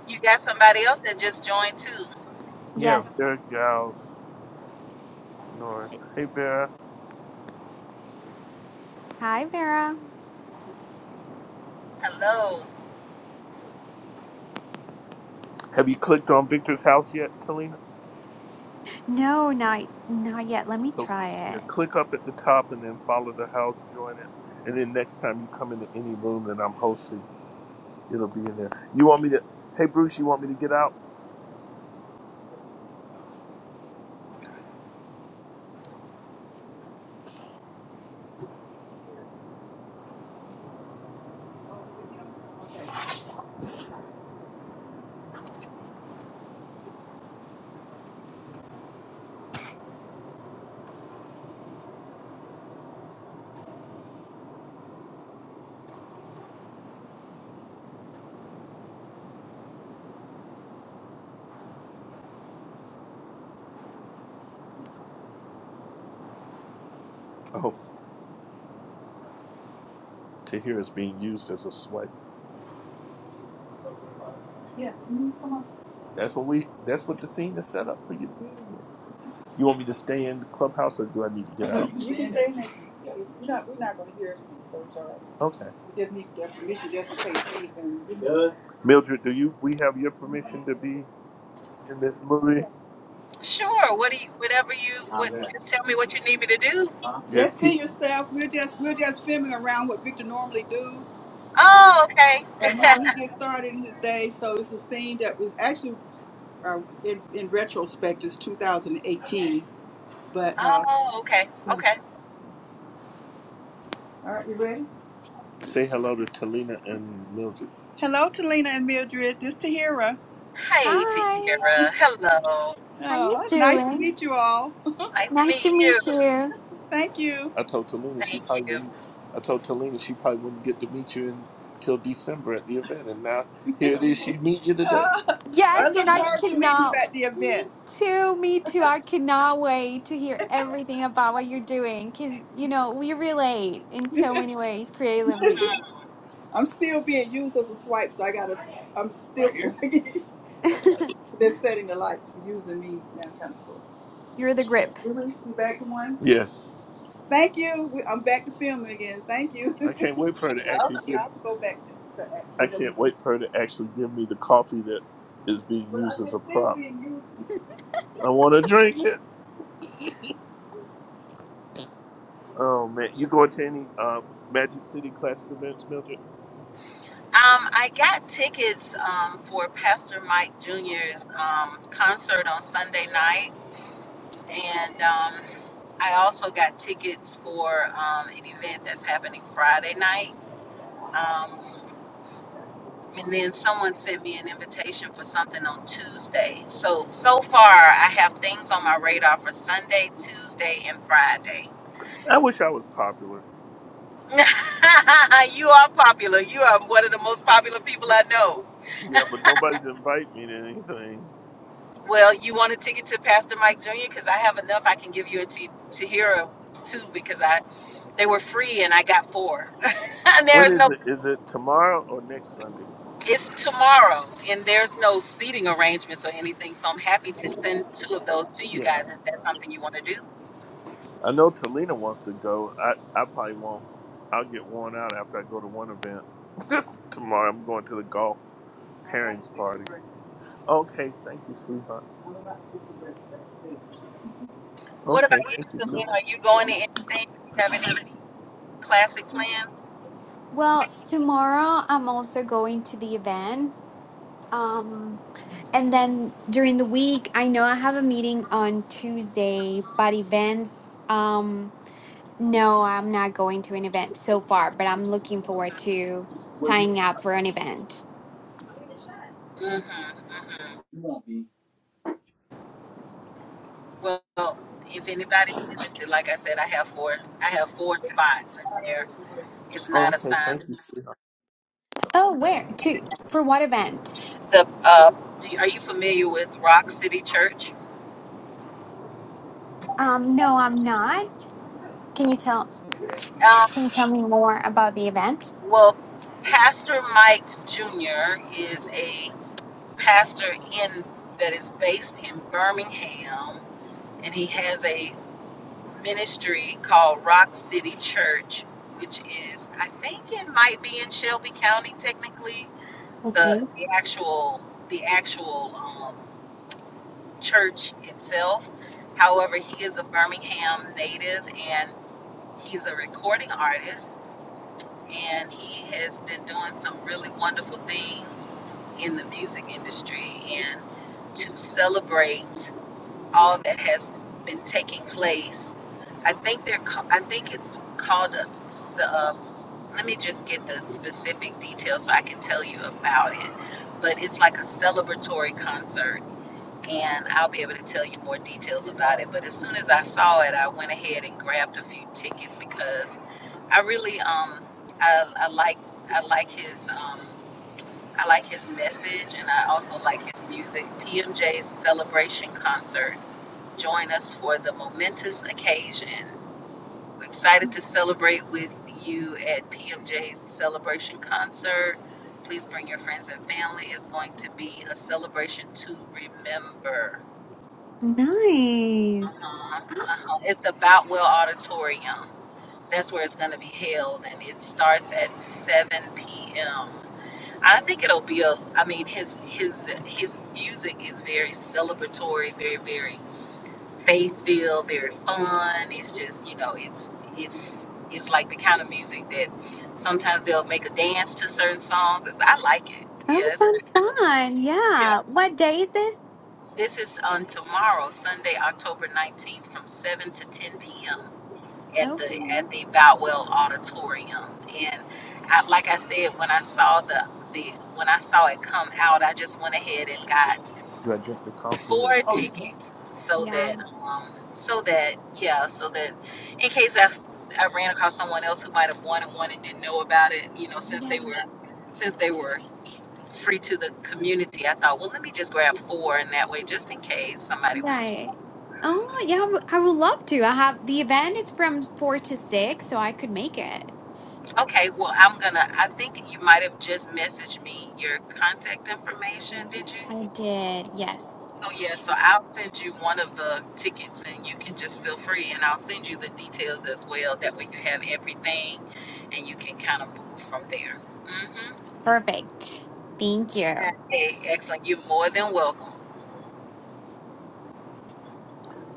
Speaker 4: You got somebody else that just joined too.
Speaker 1: Yeah,
Speaker 3: yes.
Speaker 1: Vera Giles Norris. Hey, Vera.
Speaker 3: Hi, Vera.
Speaker 4: Hello.
Speaker 1: Have you clicked on Victor's house yet, Talina?
Speaker 3: No, not not yet. Let me
Speaker 1: So
Speaker 3: try
Speaker 1: here,
Speaker 3: it.
Speaker 1: click up at the top and then follow the house, join it, and then next time you come into any room that I'm hosting, it'll be in there. You want me to? Hey, Bruce, you want me to get out? Oh, Tahir is being used as a swipe. That's what we. That's what the scene is set up for you to be in here. You want me to stay in the clubhouse, or do I need to get No, out? you in there. Yeah. not gonna hear everything, so it's all right. Okay. We just need their permission just in case anything. Mildred, do you? We have your permission to be in this movie.
Speaker 4: Sure. What do you whatever you what just tell me what you need me to do?
Speaker 1: Just Just to keep. yourself. We're just we're just filming around what Victor normally do, uh,
Speaker 4: Oh, okay.
Speaker 1: and how he gets started in his day. So it's a scene that was actually uh, in in retrospect is 2018. But uh,
Speaker 4: Oh, okay.
Speaker 1: all
Speaker 4: Okay.
Speaker 1: right, you ready? Say hello to Talina and Mildred. Hello, Talina and Mildred. This Tahira.
Speaker 4: Hey,
Speaker 3: Hi.
Speaker 4: Tiara. Hello.
Speaker 3: How you
Speaker 1: Oh, nice to
Speaker 3: doing?
Speaker 1: meet you all.
Speaker 4: Nice to
Speaker 3: Nice to
Speaker 4: meet you.
Speaker 3: meet you.
Speaker 1: Thank you. I told Talina she
Speaker 4: Thank
Speaker 1: probably
Speaker 4: you.
Speaker 1: wouldn't. I told Talina she probably wouldn't get to meet you until December at the event, and now here. she meet you today? Uh,
Speaker 3: Yes,
Speaker 1: I
Speaker 3: and
Speaker 1: look
Speaker 3: I
Speaker 1: forward to meeting you
Speaker 3: cannot.
Speaker 1: at the
Speaker 3: Me
Speaker 1: event.
Speaker 3: too. Me too. I cannot wait to hear everything about what you're doing because you know we relate in so many ways
Speaker 4: Hmm,
Speaker 3: creatively.
Speaker 1: I'm still being used as a swipe, so I gotta. I'm still. they're setting the lights for using me now, kind of sort of.
Speaker 3: you're the grip.
Speaker 1: Really, we back to one. Yes. Thank you. We, I'm back to filming again. Thank you. I can't wait for her
Speaker 4: You're
Speaker 1: to
Speaker 4: welcome.
Speaker 1: actually okay, give. I have to go back to, to actually. I can't wait for her to actually give me the coffee that is being But used as they're a still prop. being used. I want to drink it. Oh man, you going to any uh, Magic City Classic events, Mildred?
Speaker 4: Um, I got tickets um, for Pastor Mike Jr.'s um, concert on Sunday night, and um, I also got tickets for um, an event that's happening Friday night. Um, and then someone sent me an invitation for something on Tuesday. So so far, I have things on my radar for Sunday, Tuesday, and Friday.
Speaker 1: I wish I was popular.
Speaker 4: you are popular. You are one of the most popular people I know.
Speaker 1: Yeah, but nobody's invite me to anything.
Speaker 4: Well, you want a ticket to Pastor Mike Jr. because I have enough. I can give you a t- to hero too because I they were free and I got four. and
Speaker 1: When
Speaker 4: there's
Speaker 1: is
Speaker 4: no
Speaker 1: it? Is it tomorrow or next Sunday?
Speaker 4: it's tomorrow and there's no seating arrangements or anything, so I'm happy to send two of those to you
Speaker 1: Yeah,
Speaker 4: guys if that's something you want to do.
Speaker 1: I know Talina wants to go. I I probably won't. I'll get worn out after I go to one event. tomorrow I'm going to the golf. Okay, thank you, sweetheart.
Speaker 4: What about
Speaker 1: Okay,
Speaker 4: you,
Speaker 1: thank you,
Speaker 4: Celine?
Speaker 1: sweetheart.
Speaker 4: Are you going to anything? Do you have any classic plans?
Speaker 3: Well, tomorrow I'm also going to the event Um, and then during the week, I know I have a meeting on Tuesday, but events, um, no, I'm not going to an event so far, but I'm looking forward to signing up for an event.
Speaker 4: Mm-hmm, hmm Well, if anybody's interested, like I said, I have four. I have four spots, and there is
Speaker 1: Oh,
Speaker 4: not
Speaker 1: okay,
Speaker 4: assigned.
Speaker 1: thank you, sweetheart.
Speaker 3: Oh, where to for what event?
Speaker 4: the uh, do, are you familiar with Rock City Church?
Speaker 3: Um, no, I'm not. Can you tell
Speaker 4: Um,
Speaker 3: can you tell me more about the event?
Speaker 4: well, Pastor Mike Jr. is a pastor in that is based in Birmingham, and he has a ministry called Rock City Church, which is I think it might be in Shelby County technically. The,
Speaker 3: Okay.
Speaker 4: the actual the actual um, church itself. However, he is a Birmingham native, and. He's a recording artist and he has been doing some really wonderful things in the music industry. And to celebrate all that has been taking place, I think they're I think it's called a. Uh, let me just get the specific details so I can tell you about it. But it's like a celebratory concert and I'll be able to tell you more details about it. But as soon as I saw it, I went ahead and grabbed a few tickets because I really um I, I like I like his um I like his message and I also like his music. PMJ's celebration concert. Join us for the momentous occasion. We're excited to celebrate with you at PMJ's celebration concert. Please bring your friends and family. It's going to be a celebration to remember.
Speaker 3: Nice.
Speaker 4: Uh-huh. Uh-huh. It's about Will Auditorium. That's where it's going to be held, and it starts at 7 p.m. I think it'll be a. I mean, his his his music is very celebratory, very very faith filled, very fun. It's just you know, it's it's it's like the kind of music that sometimes they'll make a dance to certain songs. It's, I like it.
Speaker 3: That
Speaker 4: Yeah, it's pretty.
Speaker 3: sounds
Speaker 4: cool.
Speaker 3: fun.
Speaker 4: Yeah.
Speaker 3: Yeah. What day is this?
Speaker 4: This is on tomorrow, Sunday, October 19th, from 7 to 10 p.m. at the
Speaker 3: Okay.
Speaker 4: at the Boutwell Auditorium. And I, like I said, when I saw the the when I saw it come out, I just went ahead and got
Speaker 1: Do I drink the coffee or?
Speaker 4: four tickets so
Speaker 3: Yeah.
Speaker 4: that um so that yeah so that in case I I ran across someone else who might have wanted one and didn't know about it, you know, since
Speaker 3: Yeah.
Speaker 4: they were since they were free to the community, I thought, well, let me just grab four, and that way, just in case somebody wants one.
Speaker 3: Right. Oh, yeah. I w- I would love to. I have the event is from four to six, so I could make it.
Speaker 4: Okay, well, I'm gonna. I think you might have just messaged me your contact information, did you?
Speaker 3: I did. Yes.
Speaker 4: So, yeah, so I'll send you one of the tickets and you can just feel free, and I'll send you the details as well. That way, you have everything and you can kind of move from there. Mm-hmm.
Speaker 3: Perfect. Thank you.
Speaker 4: Yeah, Hey, excellent. You're more than welcome.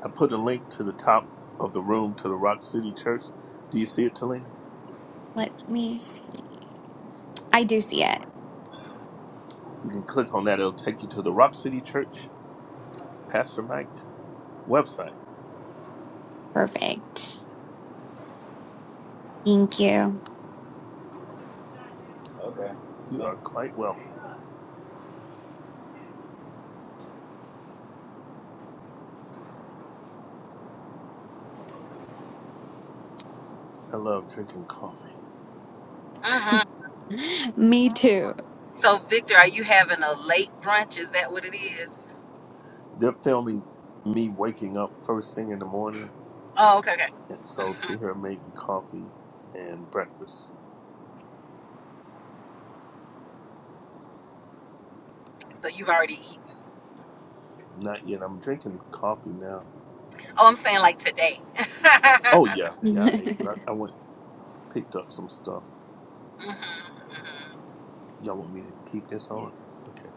Speaker 1: I put a link to the top of the room to the Rock City Church. Do you see it, Talina?
Speaker 3: Let me see. I do see it.
Speaker 1: You can click on that. It'll take you to the Rock City Church, Pastor Mike website.
Speaker 3: Perfect. Thank you.
Speaker 1: You are quite welcome. I love drinking coffee.
Speaker 4: Mm-hmm.
Speaker 3: Me too.
Speaker 4: So, Victor, are you having a late brunch? Is that what it is?
Speaker 1: They're filming me waking up first thing in the morning,
Speaker 4: Oh, okay, okay.
Speaker 1: and so Tahira made me coffee and breakfast.
Speaker 4: so, you've already eaten.
Speaker 1: Not yet. I'm drinking coffee now.
Speaker 4: Oh, I'm saying like today.
Speaker 1: Oh yeah, yeah. I ate. I, I went picked up some stuff.
Speaker 4: hmm
Speaker 1: Y'all want me to keep this on? Yes. Okay.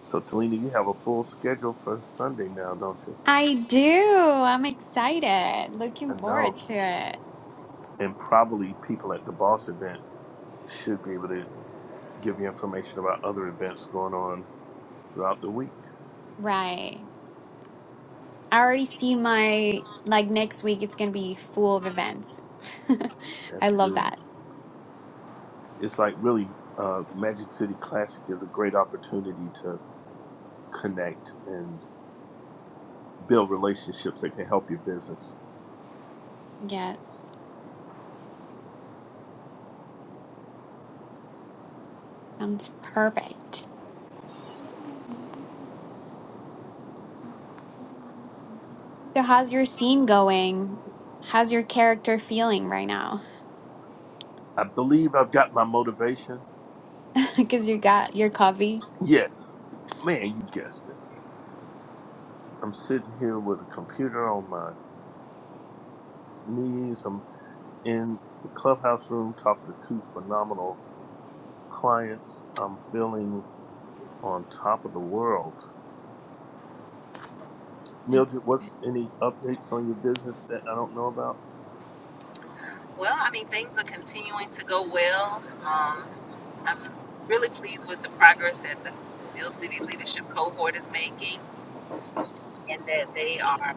Speaker 1: So Talina, you have a full schedule for Sunday now, don't you?
Speaker 3: I do. I'm excited.
Speaker 1: I
Speaker 3: Looking
Speaker 1: know,
Speaker 3: forward to it.
Speaker 1: and probably people at the boss event should be able to give you information about other events going on throughout the week.
Speaker 3: Right. I already see my, like next week, it's going to be full of events. I
Speaker 1: That's
Speaker 3: love
Speaker 1: good.
Speaker 3: that.
Speaker 1: it's like really uh, Magic City Classic is a great opportunity to connect and build relationships that can help your business.
Speaker 3: Yes. Sounds perfect. So, how's your scene going? How's your character feeling right now?
Speaker 1: I believe I've got my motivation.
Speaker 3: Because you got your coffee.
Speaker 1: Yes, man, you guessed it. I'm sitting here with a computer on my knees. I'm in the clubhouse room talking to two phenomenal clients. I'm feeling on top of the world.
Speaker 3: It's,
Speaker 1: Mildred, what's any updates on your business that I don't know about?
Speaker 4: Well, I mean, things are continuing to go well. Um, I'm really pleased with the progress that the Steel City Leadership Cohort is making and that they are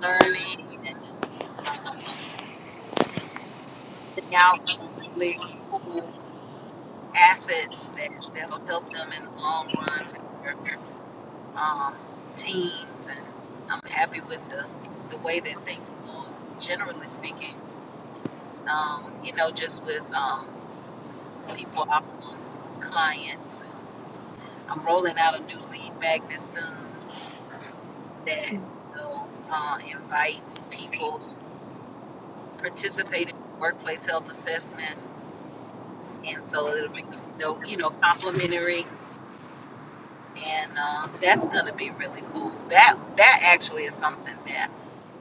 Speaker 4: learning and um, putting out some really cool assets that, that'll help them in the long run with their um, teams. And I'm happy with the, the way that things are going, generally speaking, um, you know, just with um, people, outcomes, clients. I'm rolling out a new lead magnet soon that will uh, invite people participating in workplace health assessment, and so it'll be no, you know, complimentary, and uh, that's gonna be really cool. That that actually is something that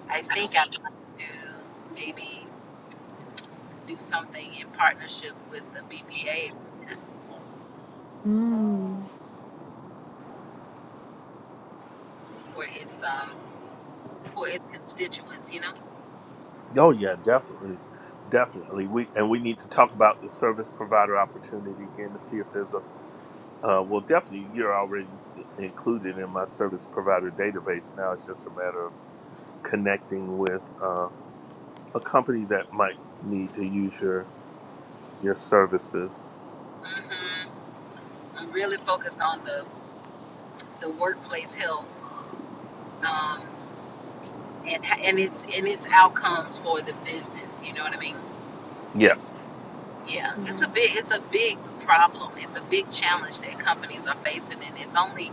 Speaker 4: I think I want to do, maybe do something in partnership with the BBA
Speaker 3: mm,
Speaker 4: for its um for its constituents. You know,
Speaker 1: Oh yeah, definitely, definitely. We and we need to talk about the service provider opportunity again to see if there's a. Uh, well, definitely, you're already included in my service provider database. Now it's just a matter of connecting with uh, a company that might need to use your your services.
Speaker 4: hmm I'm really focused on the the workplace health. Um, and and its and its outcomes for the business. You know what I mean?
Speaker 1: Yeah,
Speaker 4: Yeah, it's
Speaker 3: right.
Speaker 4: a big it's a big problem. It's a big challenge that companies are facing, and it's only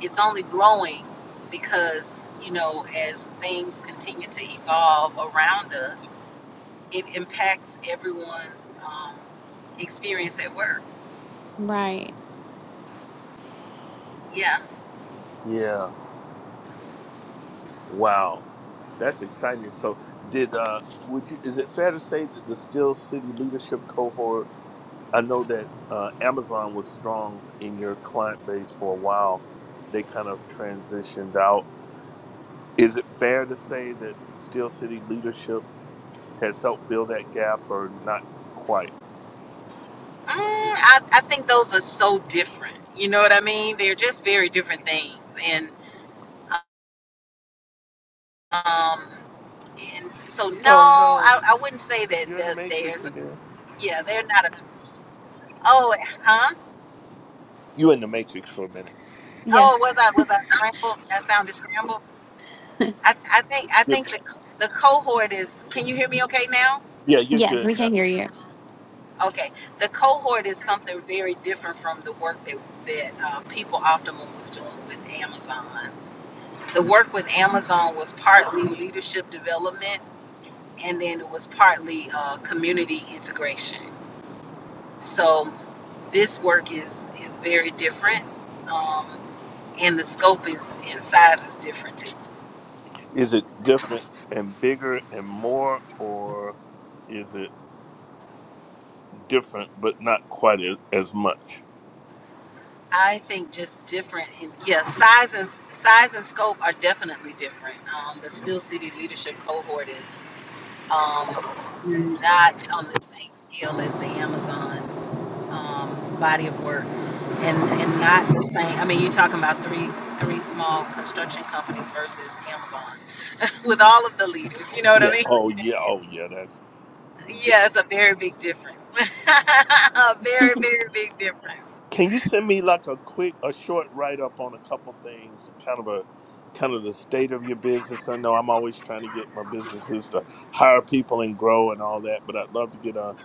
Speaker 4: it's only growing because you know as things continue to evolve around us, it impacts everyone's um, experience at work.
Speaker 3: Right.
Speaker 4: Yeah,
Speaker 1: yeah. Wow, that's exciting. So, did uh, would you? Is it fair to say that the Still City Leadership Cohort? I know that uh, Amazon was strong in your client base for a while. They kind of transitioned out. Is it fair to say that Steel City leadership has helped fill that gap, or not quite?
Speaker 4: mm, I I think those are so different. You know what I mean? They're just very different things, and um. And so, no,
Speaker 1: Oh no,
Speaker 4: I, I wouldn't say that,
Speaker 1: you're in the
Speaker 4: that
Speaker 1: matrix
Speaker 4: there's,
Speaker 1: again.
Speaker 4: yeah, they're not a, oh, huh?
Speaker 1: You in the matrix for a minute.
Speaker 4: Oh, was
Speaker 3: Yes.
Speaker 4: I, was I scrambled? That sounded scrambled. I, I think, I
Speaker 1: You're
Speaker 4: think the,
Speaker 1: back.
Speaker 4: co- the cohort is, can you hear me okay now?
Speaker 1: Yeah, you're
Speaker 3: Yes,
Speaker 1: good
Speaker 3: we
Speaker 1: now.
Speaker 3: can hear you.
Speaker 4: Okay. The cohort is something very different from the work that, that uh, People Optimum was doing with Amazon. The work with Amazon was partly leadership development and then it was partly uh, community integration. So this work is is very different, um, and the scope is and size is different too.
Speaker 1: Is it different and bigger and more, or is it different but not quite as as much?
Speaker 4: I think just different. In, yeah, size and size and scope are definitely different. Um, the Steel City Leadership Cohort is um, not on the same scale as the Amazon um, body of work, and and not the same. I mean, you're talking about three three small construction companies versus Amazon with all of the leaders. You know what I
Speaker 1: Yeah.
Speaker 4: mean?
Speaker 1: Oh yeah. Oh yeah. That's
Speaker 4: Yeah, it's a very big difference. a very, very big difference.
Speaker 1: Can you send me like a quick, a short write up on a couple things, kind of a, kind of the state of your business? I know I'm always trying to get my businesses to hire people and grow and all that, but I'd love to get a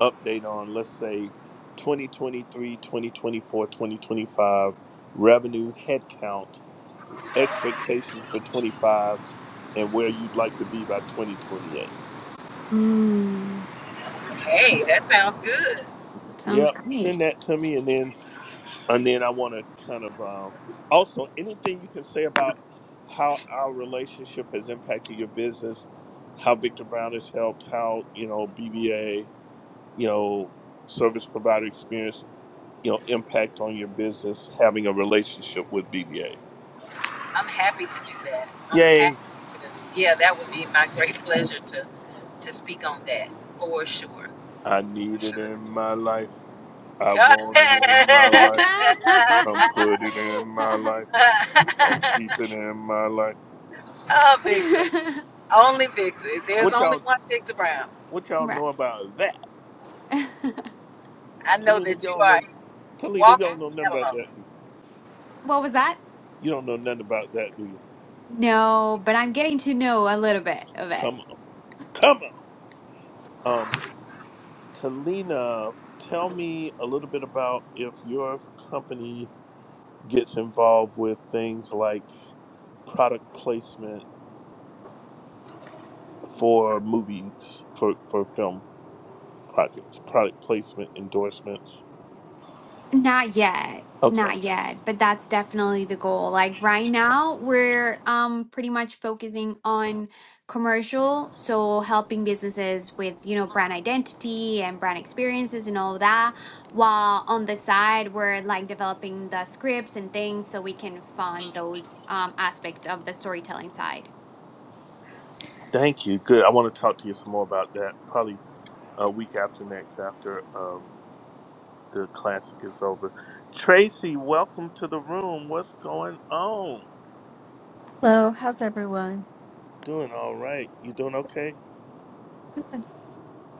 Speaker 1: update on, let's say, 2023, 2024, 2025 revenue, headcount, expectations for 25, and where you'd like to be by 2028.
Speaker 3: Mm,
Speaker 4: Hey, that sounds good.
Speaker 3: sounds
Speaker 1: Yep,
Speaker 3: great.
Speaker 1: send that to me, and then And then I want to kind of um, also anything you can say about how our relationship has impacted your business, how Victor Brown has helped, how you know BBA, you know, service provider experience, you know, impact on your business having a relationship with BBA.
Speaker 4: I'm happy to do that. I'm happy
Speaker 1: Yay!
Speaker 4: to. Yeah, that would be my great pleasure to to speak on that for sure.
Speaker 1: I
Speaker 4: For
Speaker 1: need it
Speaker 4: sure.
Speaker 1: in my life. I want it in my life. Come put it in my life. I'll keep it in my life.
Speaker 4: oh, Victor. Only Victor. There's
Speaker 1: What
Speaker 4: only
Speaker 1: y'all?
Speaker 4: one Victor Brown.
Speaker 1: What y'all
Speaker 3: Right.
Speaker 1: know about that?
Speaker 4: I know
Speaker 1: Talina,
Speaker 4: that you
Speaker 1: y'all
Speaker 4: are
Speaker 1: know
Speaker 4: a
Speaker 1: Talita, you
Speaker 4: walking
Speaker 1: don't know nothing about
Speaker 4: catalog.
Speaker 1: that, do you?
Speaker 3: What was that?
Speaker 1: You don't know nothing about that, do you?
Speaker 3: No, but I'm getting to know a little bit of it.
Speaker 1: Come on. Come on. Um, Talina, tell me a little bit about if your company gets involved with things like product placement for movies, for, for film projects, product placement endorsements.
Speaker 3: Not yet.
Speaker 1: Okay.
Speaker 3: Not yet, but that's definitely the goal. Like right now, we're um pretty much focusing on commercial, so helping businesses with, you know, brand identity and brand experiences and all that. While on the side, we're like developing the scripts and things so we can fund those um aspects of the storytelling side.
Speaker 1: Thank you. Good. I want to talk to you some more about that probably a week after next after um, the classic is over. Tracy, welcome to the room. What's going on?
Speaker 5: Hello, how's everyone?
Speaker 1: Doing all right. You doing okay?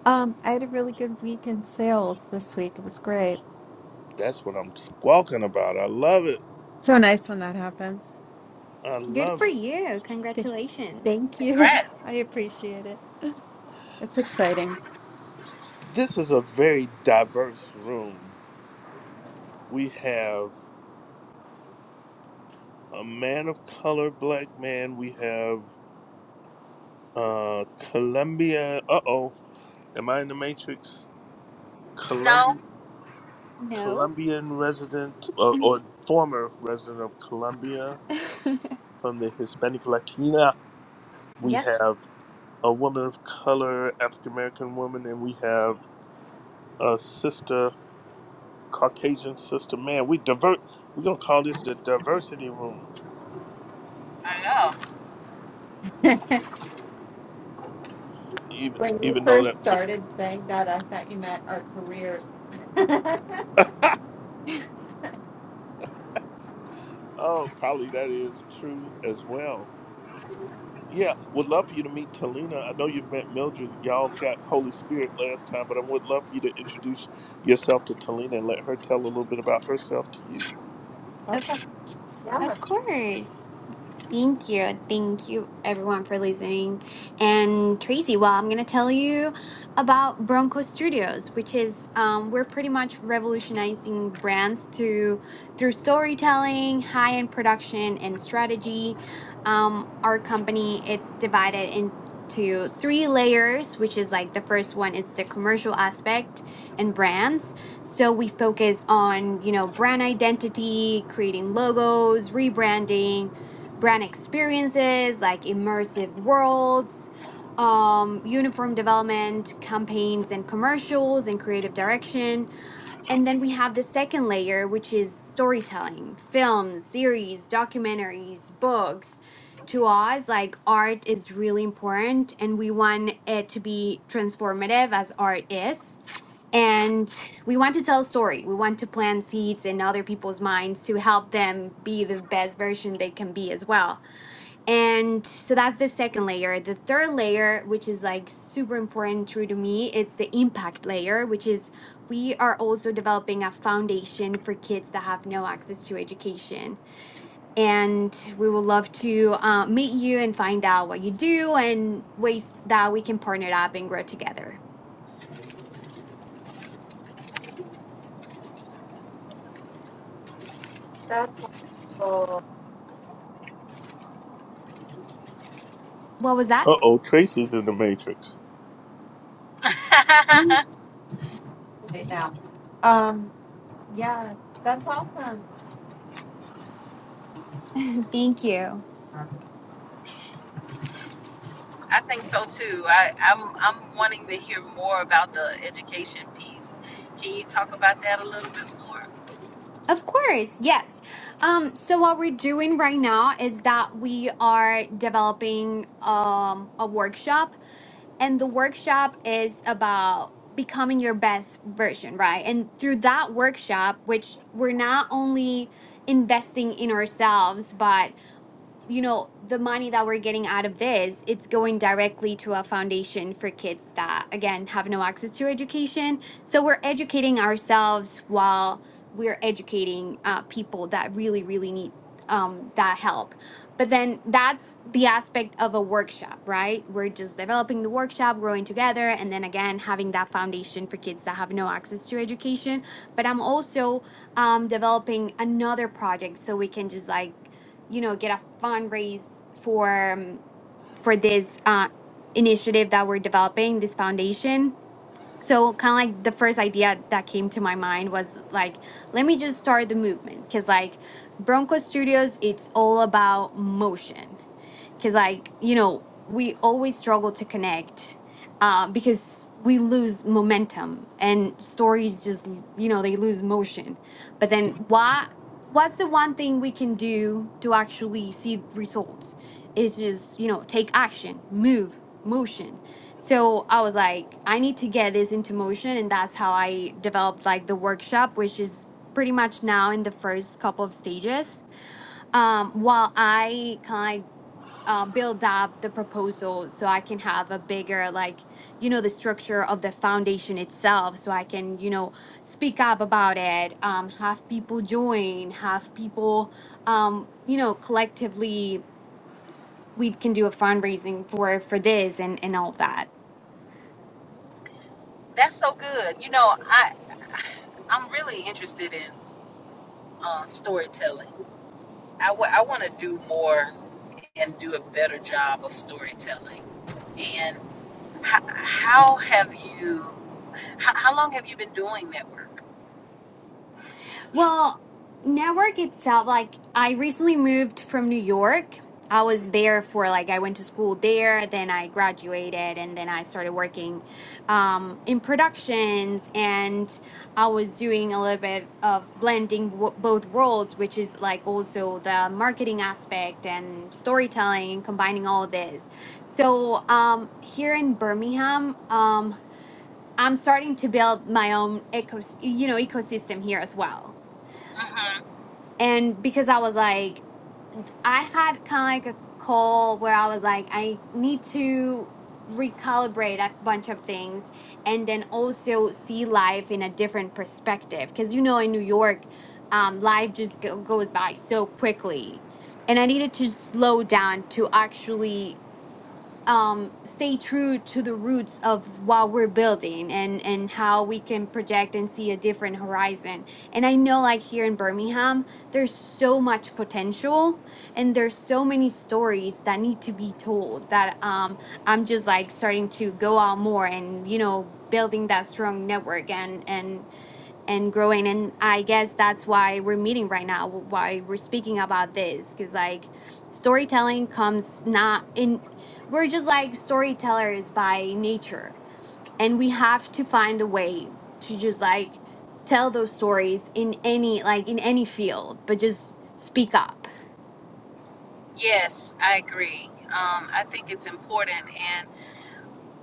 Speaker 5: Um, I had a really good week in sales this week. It was great.
Speaker 1: That's what I'm squawking about. I love it.
Speaker 5: So nice when that happens.
Speaker 1: I
Speaker 3: Good
Speaker 1: love
Speaker 3: for
Speaker 1: it.
Speaker 3: you.
Speaker 5: Th-
Speaker 3: Congratulations.
Speaker 5: Thank you.
Speaker 4: Congrats.
Speaker 5: I appreciate it. It's exciting.
Speaker 1: This is a very diverse room. We have a man of color, black man. We have uh Colombia. Uh oh. Am I in the Matrix?
Speaker 4: No,
Speaker 1: Colombian
Speaker 3: No?
Speaker 1: Colombian resident or, or former resident of Colombia from the Hispanic Latina We
Speaker 3: Yes.
Speaker 1: have a woman of color, African American woman, and we have a sister, Caucasian sister. Man, we divert. We're gonna call this the diversity room,
Speaker 4: I
Speaker 1: even
Speaker 5: When you
Speaker 1: even though
Speaker 5: first
Speaker 1: that.
Speaker 5: started saying that, I thought you meant our careers.
Speaker 1: Oh, probably that is true as well. Yeah, would love for you to meet Talina. I know you've met Mildred. Y'all got Holy Spirit last time, but I would love for you to introduce yourself to Talina and let her tell a little bit about herself to you.
Speaker 3: Of
Speaker 5: Okay, yeah,
Speaker 3: of course. Thank you. Thank you, everyone, for listening. And Tracy, well, I'm going to tell you about Bronco Studios, which is um, we're pretty much revolutionizing brands to through storytelling, high end production, and strategy. Um, our company it's divided into three layers, which is like the first one, it's the commercial aspect and brands. So we focus on you know brand identity, creating logos, rebranding brand experiences like immersive worlds, um, uniform development, campaigns and commercials, and creative direction. And then we have the second layer, which is storytelling, films, series, documentaries, books. To us, like art is really important, and we want it to be transformative as art is. And we want to tell a story. We want to plant seeds in other people's minds to help them be the best version they can be as well and so that's the second layer. The third layer, which is like super important true to me, it's the impact layer, which is we are also developing a foundation for kids that have no access to education. And we would love to uh, meet you and find out what you do and ways that we can partner up and grow together.
Speaker 5: that's wonderful
Speaker 3: What was that?
Speaker 1: Uh oh, Tracy's in the Matrix.
Speaker 4: know.
Speaker 5: right now. Um, yeah, that's awesome.
Speaker 3: Thank you.
Speaker 4: I think so too. I, I'm I'm wanting to hear more about the education piece. Can you talk about that a little bit more?
Speaker 3: Of course, yes. Um, so what we're doing right now is that we are developing um, a workshop and the workshop is about becoming your best version, right? And through that workshop, which we're not only investing in ourselves, but you know, the money that we're getting out of this, it's going directly to a foundation for kids that, again, have no access to education. So we're educating ourselves while we're educating uh, people that really, really need um, that help. But then that's the aspect of a workshop, right? We're just developing the workshop, growing together, and then again, having that foundation for kids that have no access to education. But I'm also um, developing another project so we can just like, you know get a fundraise for um, for this uh, initiative that we're developing this foundation so kind of like the first idea that came to my mind was like let me just start the movement because like bronco studios it's all about motion because like you know we always struggle to connect uh, because we lose momentum and stories just l- you know they lose motion but then why what's the one thing we can do to actually see results is just you know take action move motion so i was like i need to get this into motion and that's how i developed like the workshop which is pretty much now in the first couple of stages um while i kind of uh, build up the proposal so I can have a bigger, like, you know, the structure of the foundation itself. So I can, you know, speak up about it, um, have people join, have people, um, you know, collectively, we can do a fundraising for for this and and all that.
Speaker 4: That's so good. You know, I I'm really interested in uh, storytelling. I want to do more and do a better job of storytelling. And how, how have you? How, how long have you been doing that work?
Speaker 3: Well, network itself, like I recently moved from New York. I was there for like I went to school there, then I graduated and then I started working um in productions and I was doing a little bit of blending w- both worlds, which is like also the marketing aspect and storytelling and combining all of this. So, um here in Birmingham, um I'm starting to build my own eco, you know, ecosystem here as well
Speaker 4: hmm
Speaker 3: and because I was like, I had kind of like a call where I was like, I need to recalibrate a bunch of things and then also see life in a different perspective. Because, you know, in New York, um, life just go- goes by so quickly. And I needed to slow down to actually um stay true to the roots of what we're building and and how we can project and see a different horizon and i know like here in birmingham there's so much potential and there's so many stories that need to be told that um i'm just like starting to go out more and you know building that strong network and and and growing and i guess that's why we're meeting right now wh- why we're speaking about this because like storytelling comes not in we're just like storytellers by nature and we have to find a way to just like tell those stories in any like in any field but just speak up
Speaker 4: Yes, I agree. Um, I think it's important, and.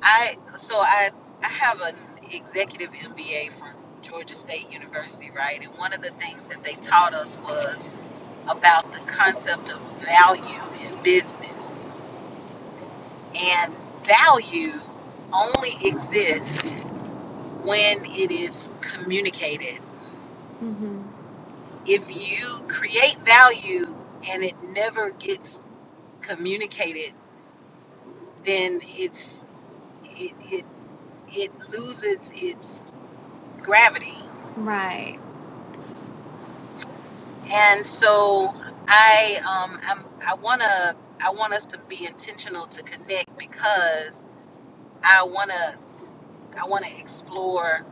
Speaker 4: I so I I have an executive MBA from Georgia State University, right? And one of the things that they taught us was about the concept of value in business. And value only exists when it is communicated.
Speaker 3: hmm
Speaker 4: If you create value and it never gets communicated, then it's it it, it loses its gravity
Speaker 3: right
Speaker 4: And so I um I'm, I wanna I want us to be intentional to connect because I wanna I wanna explore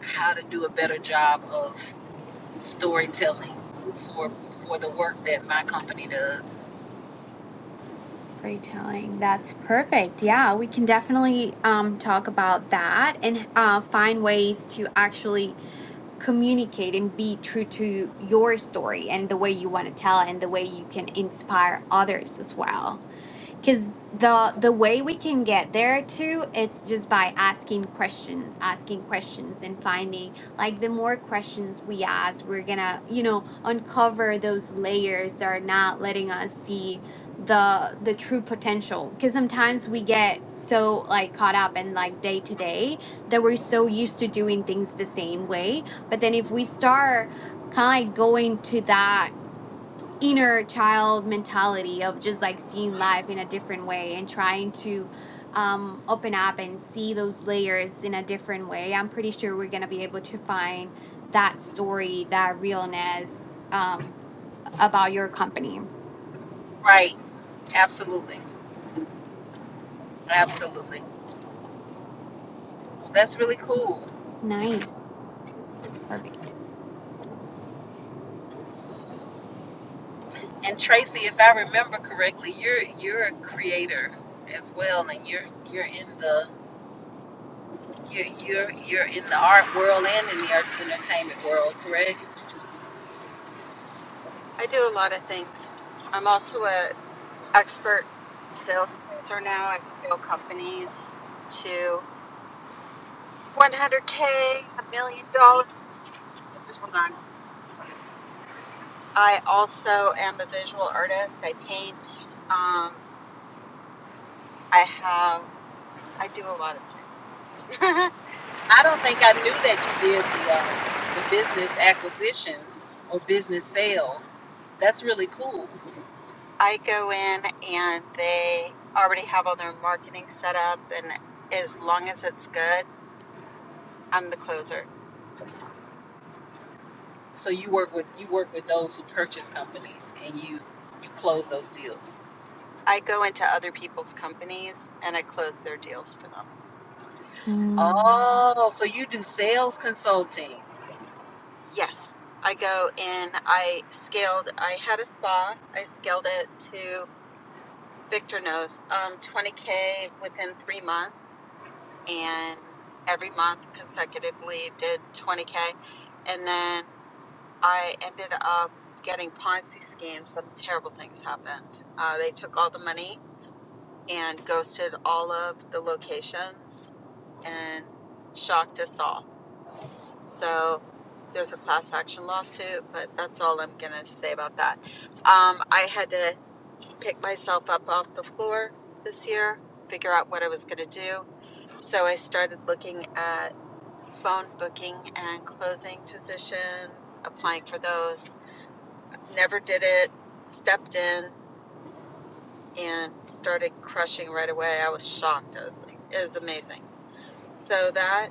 Speaker 4: how to do a better job of storytelling for for the work that my company does.
Speaker 3: storytelling that's perfect yeah we can definitely um talk about that and uh find ways to actually communicate and be true to your story and the way you want to tell it and the way you can inspire others as well because the the way we can get there too it's just by asking questions asking questions and finding like the more questions we ask we're gonna you know uncover those layers that are not letting us see the the true potential because sometimes we get so like caught up in like day to day that we're so used to doing things the same way but then if we start kind of like going to that inner child mentality of just like seeing life in a different way and trying to um, open up and see those layers in a different way. I'm pretty sure we're going to be able to find that story, that realness um, about your company.
Speaker 4: Right. Absolutely. Absolutely. Well, that's really cool.
Speaker 3: Nice. Perfect.
Speaker 4: And Tracy, if I remember correctly, you're you're a creator as well and you're you're in the You're, you're, you're in the art world and in the art entertainment world, correct?
Speaker 5: I do a lot of things. I'm also a expert salesperson now. I scale companies to 100k, a million dollars. Hold on, sorry. I also am a visual artist. I paint. Um, I have, I do a lot of things.
Speaker 4: I don't think I knew that you did the um, the business acquisitions or business sales. That's really cool.
Speaker 5: I go in and they already have all their marketing set up, and as long as it's good, I'm the closer. So
Speaker 4: So you work with you work with those who purchase companies and you you close those deals.
Speaker 5: I go into other people's companies and I close their deals for them.
Speaker 3: Mm,
Speaker 4: Oh, so you do sales consulting.
Speaker 5: Yes. I go in, I scaled, I had a spa, I scaled it to Victor knows, um, 20K within three months and every month consecutively did 20k and then i ended up getting ponzi schemes some terrible things happened uh, they took all the money and ghosted all of the locations and shocked us all so there's a class action lawsuit but that's all i'm going to say about that um, i had to pick myself up off the floor this year figure out what i was going to do so i started looking at phone booking and closing positions, applying for those. Never did it, stepped in and started crushing right away. I was shocked. I was like, it was amazing. So that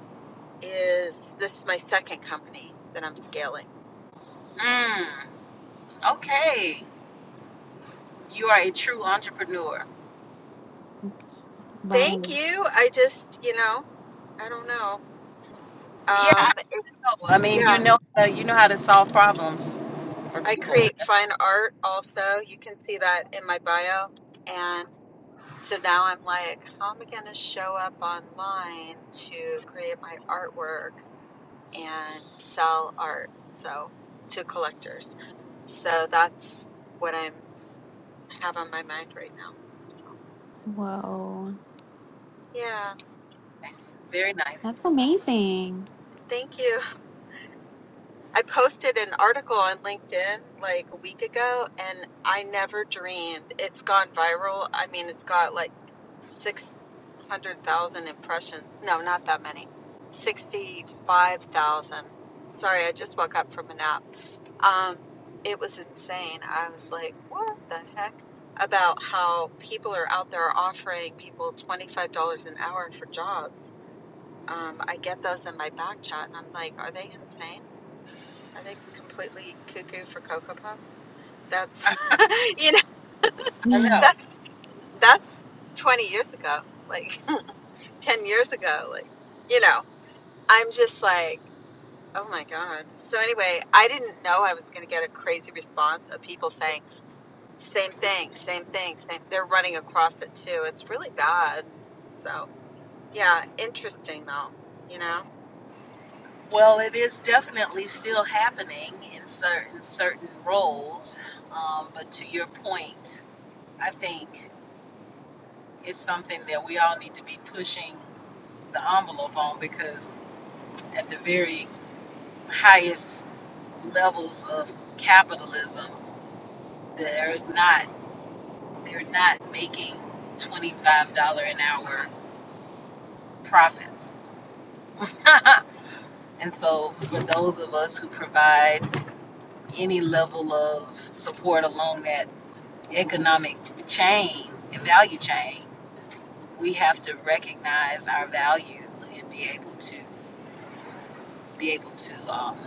Speaker 5: is this is my second company that I'm scaling.
Speaker 4: Mm, okay, you are a true entrepreneur.
Speaker 3: right.
Speaker 5: Thank you. I just, you know, I don't know.
Speaker 4: Yeah,
Speaker 5: Um
Speaker 4: I know.
Speaker 5: it's,
Speaker 4: I mean,
Speaker 5: yeah,
Speaker 4: you know uh, you know how to solve problems for
Speaker 5: I
Speaker 4: people.
Speaker 5: create fine art also. You can see that in my bio and. So now I'm like, how am I going to show up online to create my artwork and sell art so to collectors? So that's what I'm have on my mind right now. So
Speaker 3: Whoa.
Speaker 5: yeah,
Speaker 4: Nice. Very nice.
Speaker 3: That's amazing.
Speaker 5: thank you. I posted an article on LinkedIn like a week ago, and I never dreamed it's gone viral. I mean, it's got like 600,000 impressions. No, not that many. 65,000. Sorry, I just woke up from a nap. Um, it was insane. I was like, what the heck? About how people are out there offering people $25 an hour for jobs. Um, I get those in my back chat, and I'm like, are they insane? I think completely cuckoo for Cocoa Puffs. That's you know
Speaker 4: I
Speaker 3: Yeah.
Speaker 4: know.
Speaker 5: that that's 20 years ago, like 10 years ago, like you know. I'm just like, oh my God. So anyway, I didn't know I was going to get a crazy response of people saying same thing, same thing, same. They're running across it too. It's really bad. So yeah, interesting though. You know,
Speaker 4: Well, it is definitely still happening in certain certain roles, um, but to your point, I think it's something that we all need to be pushing the envelope on because at the very highest levels of capitalism, they're not they're not making twenty five dollar an hour profits, and so for those of us who provide any level of support along that economic chain and value chain, we have to recognize our value and be able to be able to um,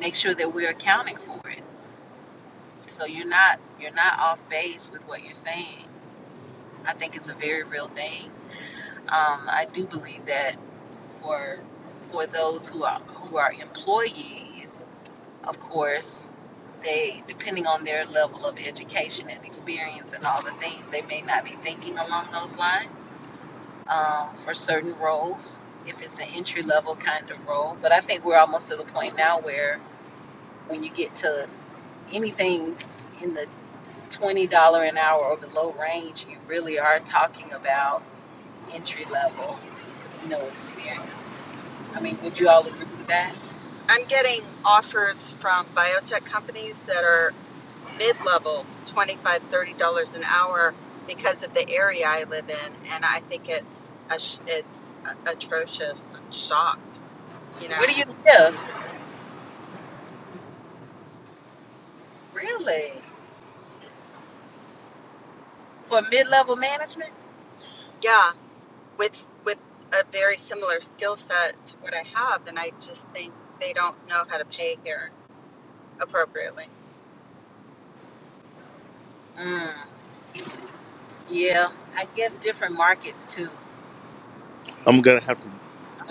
Speaker 4: make sure that we're accounting for it. So you're not you're not off base with what you're saying. I think it's a very real thing. Um, I do believe that for for those who are who are employees Of course, they, depending on their level of education and experience and all the things, they may not be thinking along those lines um, for certain roles, if it's an entry level kind of role. But I think we're almost to the point now where when you get to anything in the $20 an hour or below range, you really are talking about entry level, no experience. I mean, would you all agree with that?
Speaker 5: I'm getting offers from biotech companies that are mid-level 25, 30 dollars an hour because of the area I live in and I think it's a sh- it's a- atrocious I'm shocked you
Speaker 4: Where
Speaker 5: know
Speaker 4: do you live? Really? For mid level management?
Speaker 5: yeah with with a very similar skill set to what I have and I just think they don't know how to pay here appropriately
Speaker 4: Mm, yeah, I guess different markets too.
Speaker 1: I'm gonna have to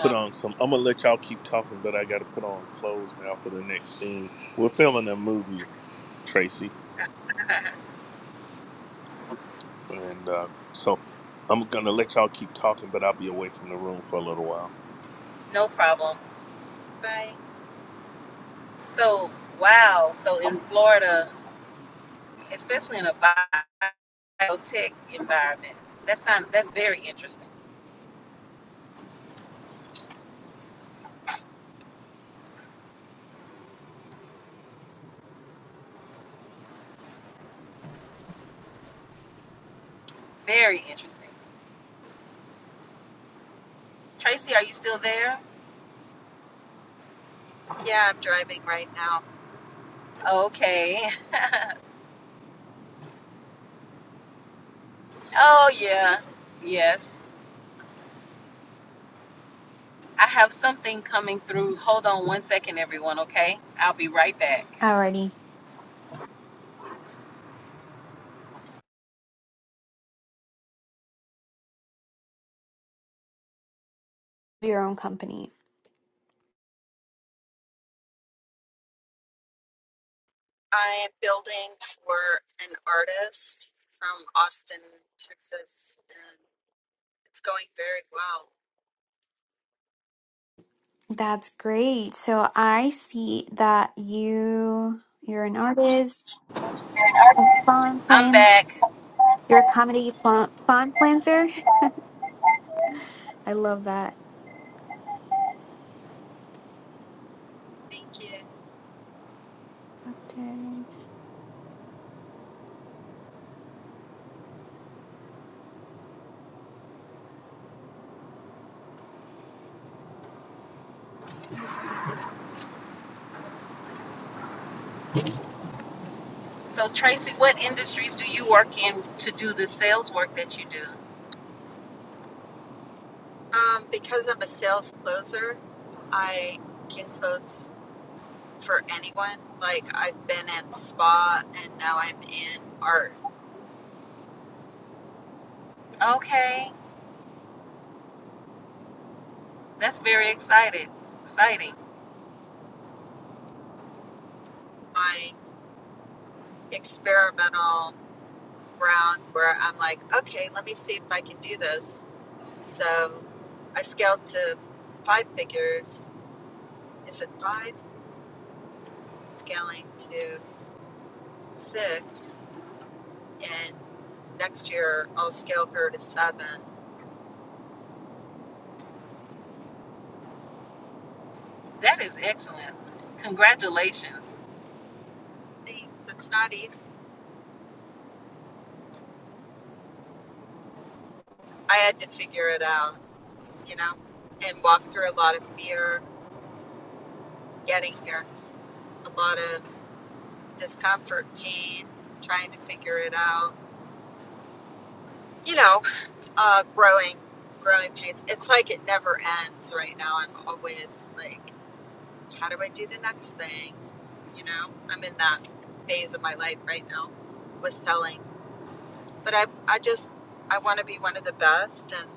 Speaker 4: Uh,
Speaker 1: on some. I'm gonna let y'all keep talking, but I gotta put on clothes now for the next scene. We're filming a movie, Tracy, and uh, so I'm gonna let y'all keep talking, but I'll be away from the room for a little while.
Speaker 4: no problem.
Speaker 5: Bye.
Speaker 4: So, wow. So in Florida, especially in a biotech environment, that sound that's very interesting. Very interesting. Tracy, are you still there?
Speaker 5: yeah I'm driving right now
Speaker 4: Okay. oh yeah. Yes. I have something coming through. Hold on one second, everyone. Okay, I'll be right back.
Speaker 3: Alrighty. Your own company.
Speaker 5: I am building for an artist from Austin Texas and it's going very well
Speaker 3: That's great. So I see that you you're an artist. of You're
Speaker 4: I'm back.
Speaker 3: a comedy Fawn Fawn Flanzer. I love that.
Speaker 5: thank you
Speaker 3: After-
Speaker 4: So, Tracy, what industries do you work in to do the sales work that you do?
Speaker 5: Um, because I'm a sales closer, I can close for anyone. Like I've been in spa and now I'm in art.
Speaker 4: Okay, that's very excited, exciting.
Speaker 5: My experimental ground where I'm like, okay, let me see if I can do this. So I scaled to five figures. Is it five? Scaling to six. And next year I'll scale her to seven.
Speaker 4: That is excellent. Congratulations.
Speaker 5: It's it's not easy. I had to figure it out. you know, and walked through a lot of fear getting here, a lot of discomfort, pain, trying to figure it out, you know, uh, growing, growing pains. It's like it never ends right now. I'm always like, how do I do the next thing? You know, I'm in that phase of my life right now with selling, but I, I just, I want to be one of the best, and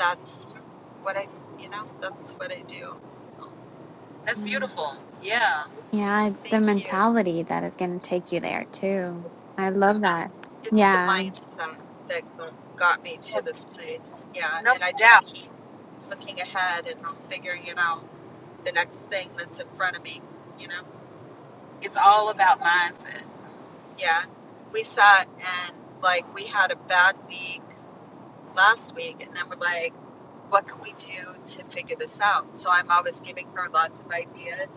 Speaker 5: that's what I, you know, that's what I do. So,
Speaker 4: That's
Speaker 3: Yeah.
Speaker 4: beautiful. Yeah.
Speaker 5: yeah.
Speaker 3: yeah, it's the
Speaker 5: thank you.
Speaker 3: mentality that is going to take you there too. I love that.
Speaker 5: it's the
Speaker 3: Yeah,
Speaker 5: mindset that go- got me to
Speaker 4: Well,
Speaker 5: this place. Yeah.
Speaker 4: no
Speaker 5: And I just
Speaker 4: doubt,
Speaker 5: keep looking ahead and figuring it out the next thing that's in front of me, you know?
Speaker 4: it's all about mindset.
Speaker 5: Yeah. We sat and like we had a bad week last week, and then we're like, what can we do to figure this out? So I'm always giving her lots of ideas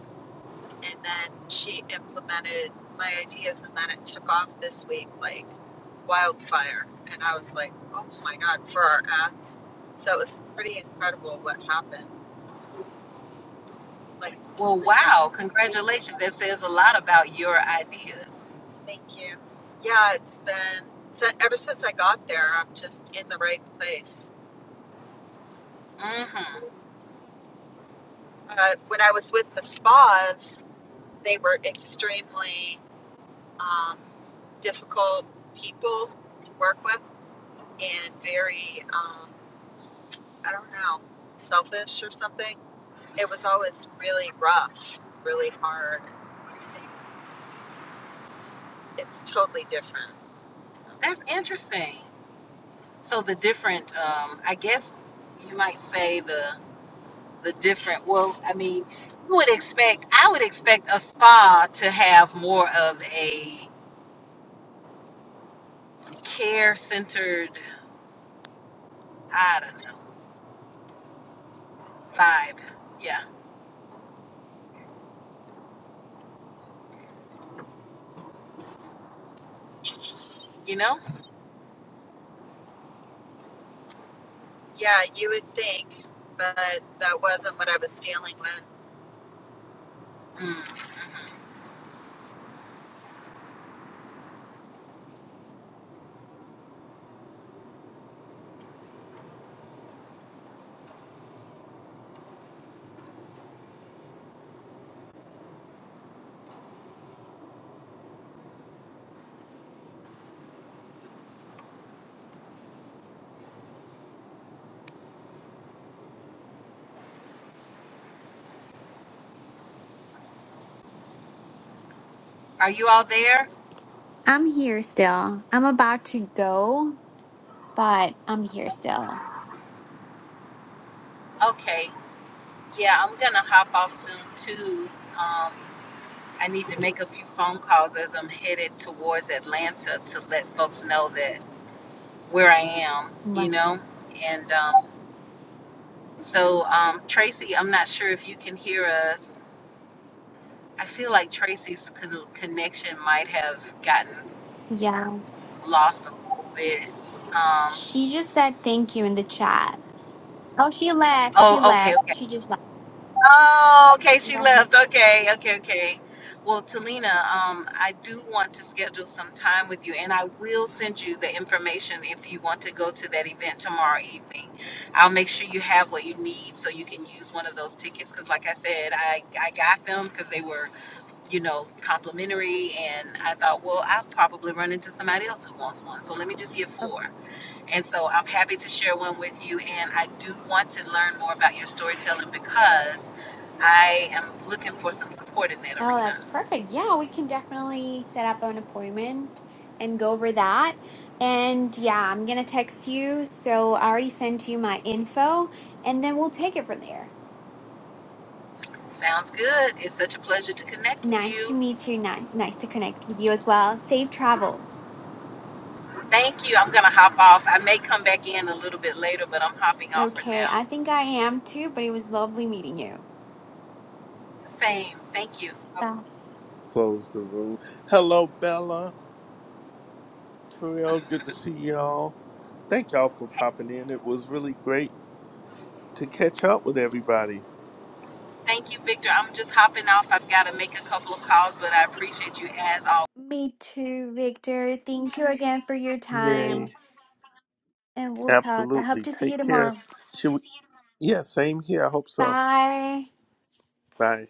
Speaker 5: and then she implemented my ideas and then it took off this week like wildfire and i was like oh my god for our ads so it was pretty incredible what happened like
Speaker 4: Well, wow, congratulations. That says a lot about your ideas.
Speaker 5: thank you yeah it's been so ever since i got there i'm just in the right place
Speaker 4: Mm-hmm.
Speaker 5: uh, when i was with the spas they were extremely um, difficult people to work with and very um, i don't know selfish or something it was always really rough, really hard, and like it's totally different. So
Speaker 4: That's interesting. So the different, um, I guess you might say the the different well i mean you would expect i would expect a spa to have more of a care centered i don't know vibe yeah you know
Speaker 5: yeah, you would think, but that wasn't what I was dealing with.
Speaker 4: mm are you all there
Speaker 3: I'm here still. I'm about to go, but I'm here still.
Speaker 4: okay yeah i'm gonna hop off soon too um I need to make a few phone calls as I'm headed towards Atlanta to let folks know that where I am, you
Speaker 3: Wow.
Speaker 4: know. And um, so, um, Tracy, I'm not sure if you can hear us. I feel like Tracy's con- connection might have gotten
Speaker 3: Yeah.
Speaker 4: lost a little bit. Um,
Speaker 3: She just said thank you in the chat. Oh, she left. She
Speaker 4: oh, okay,
Speaker 3: left.
Speaker 4: okay.
Speaker 3: She just left.
Speaker 4: Oh, okay, she
Speaker 3: Yeah.
Speaker 4: left. Okay, okay, okay. Well, Talina, um, I do want to schedule some time with you, and I will send you the information if you want to go to that event tomorrow evening. I'll make sure you have what you need so you can use one of those tickets. Because, like I said, I, I got them because they were you know, complimentary. And I thought, well, I'll probably run into somebody else who wants one. So let me just get four. And so I'm happy to share one with you. And I do want to learn more about your storytelling because I am looking for some support in that
Speaker 3: Oh,
Speaker 4: arena.
Speaker 3: that's perfect. Yeah, we can definitely set up an appointment and go over that. And yeah, I'm gonna text you. So I already sent you my info, and then we'll take it from there.
Speaker 4: Sounds good. It's such a pleasure to connect with
Speaker 3: Nice to
Speaker 4: you.
Speaker 3: meet you. Nice, nice to connect with you as well. Safe travels.
Speaker 4: Thank you. I'm going to hop off. I may come back in a little bit later, but I'm hopping off for
Speaker 3: Okay,
Speaker 4: now.
Speaker 3: I think I am too, but it was lovely meeting you.
Speaker 4: Same. Thank you.
Speaker 3: Yeah.
Speaker 1: Close the room. Hello, Bella, Carell. Good to see y'all. Thank y'all for popping in. It was really great to catch up with everybody.
Speaker 4: Thank you, Victor. I'm just hopping off. I've got to make a couple of calls, but I appreciate you as always.
Speaker 3: Me too, Victor. Thank you again for your time,
Speaker 1: Yay!
Speaker 3: and we'll talk. I hope
Speaker 1: Absolutely.
Speaker 3: to see you
Speaker 1: Take care.
Speaker 3: tomorrow.
Speaker 1: Should we? Yeah, same here. I hope so.
Speaker 3: Bye.
Speaker 1: Bye.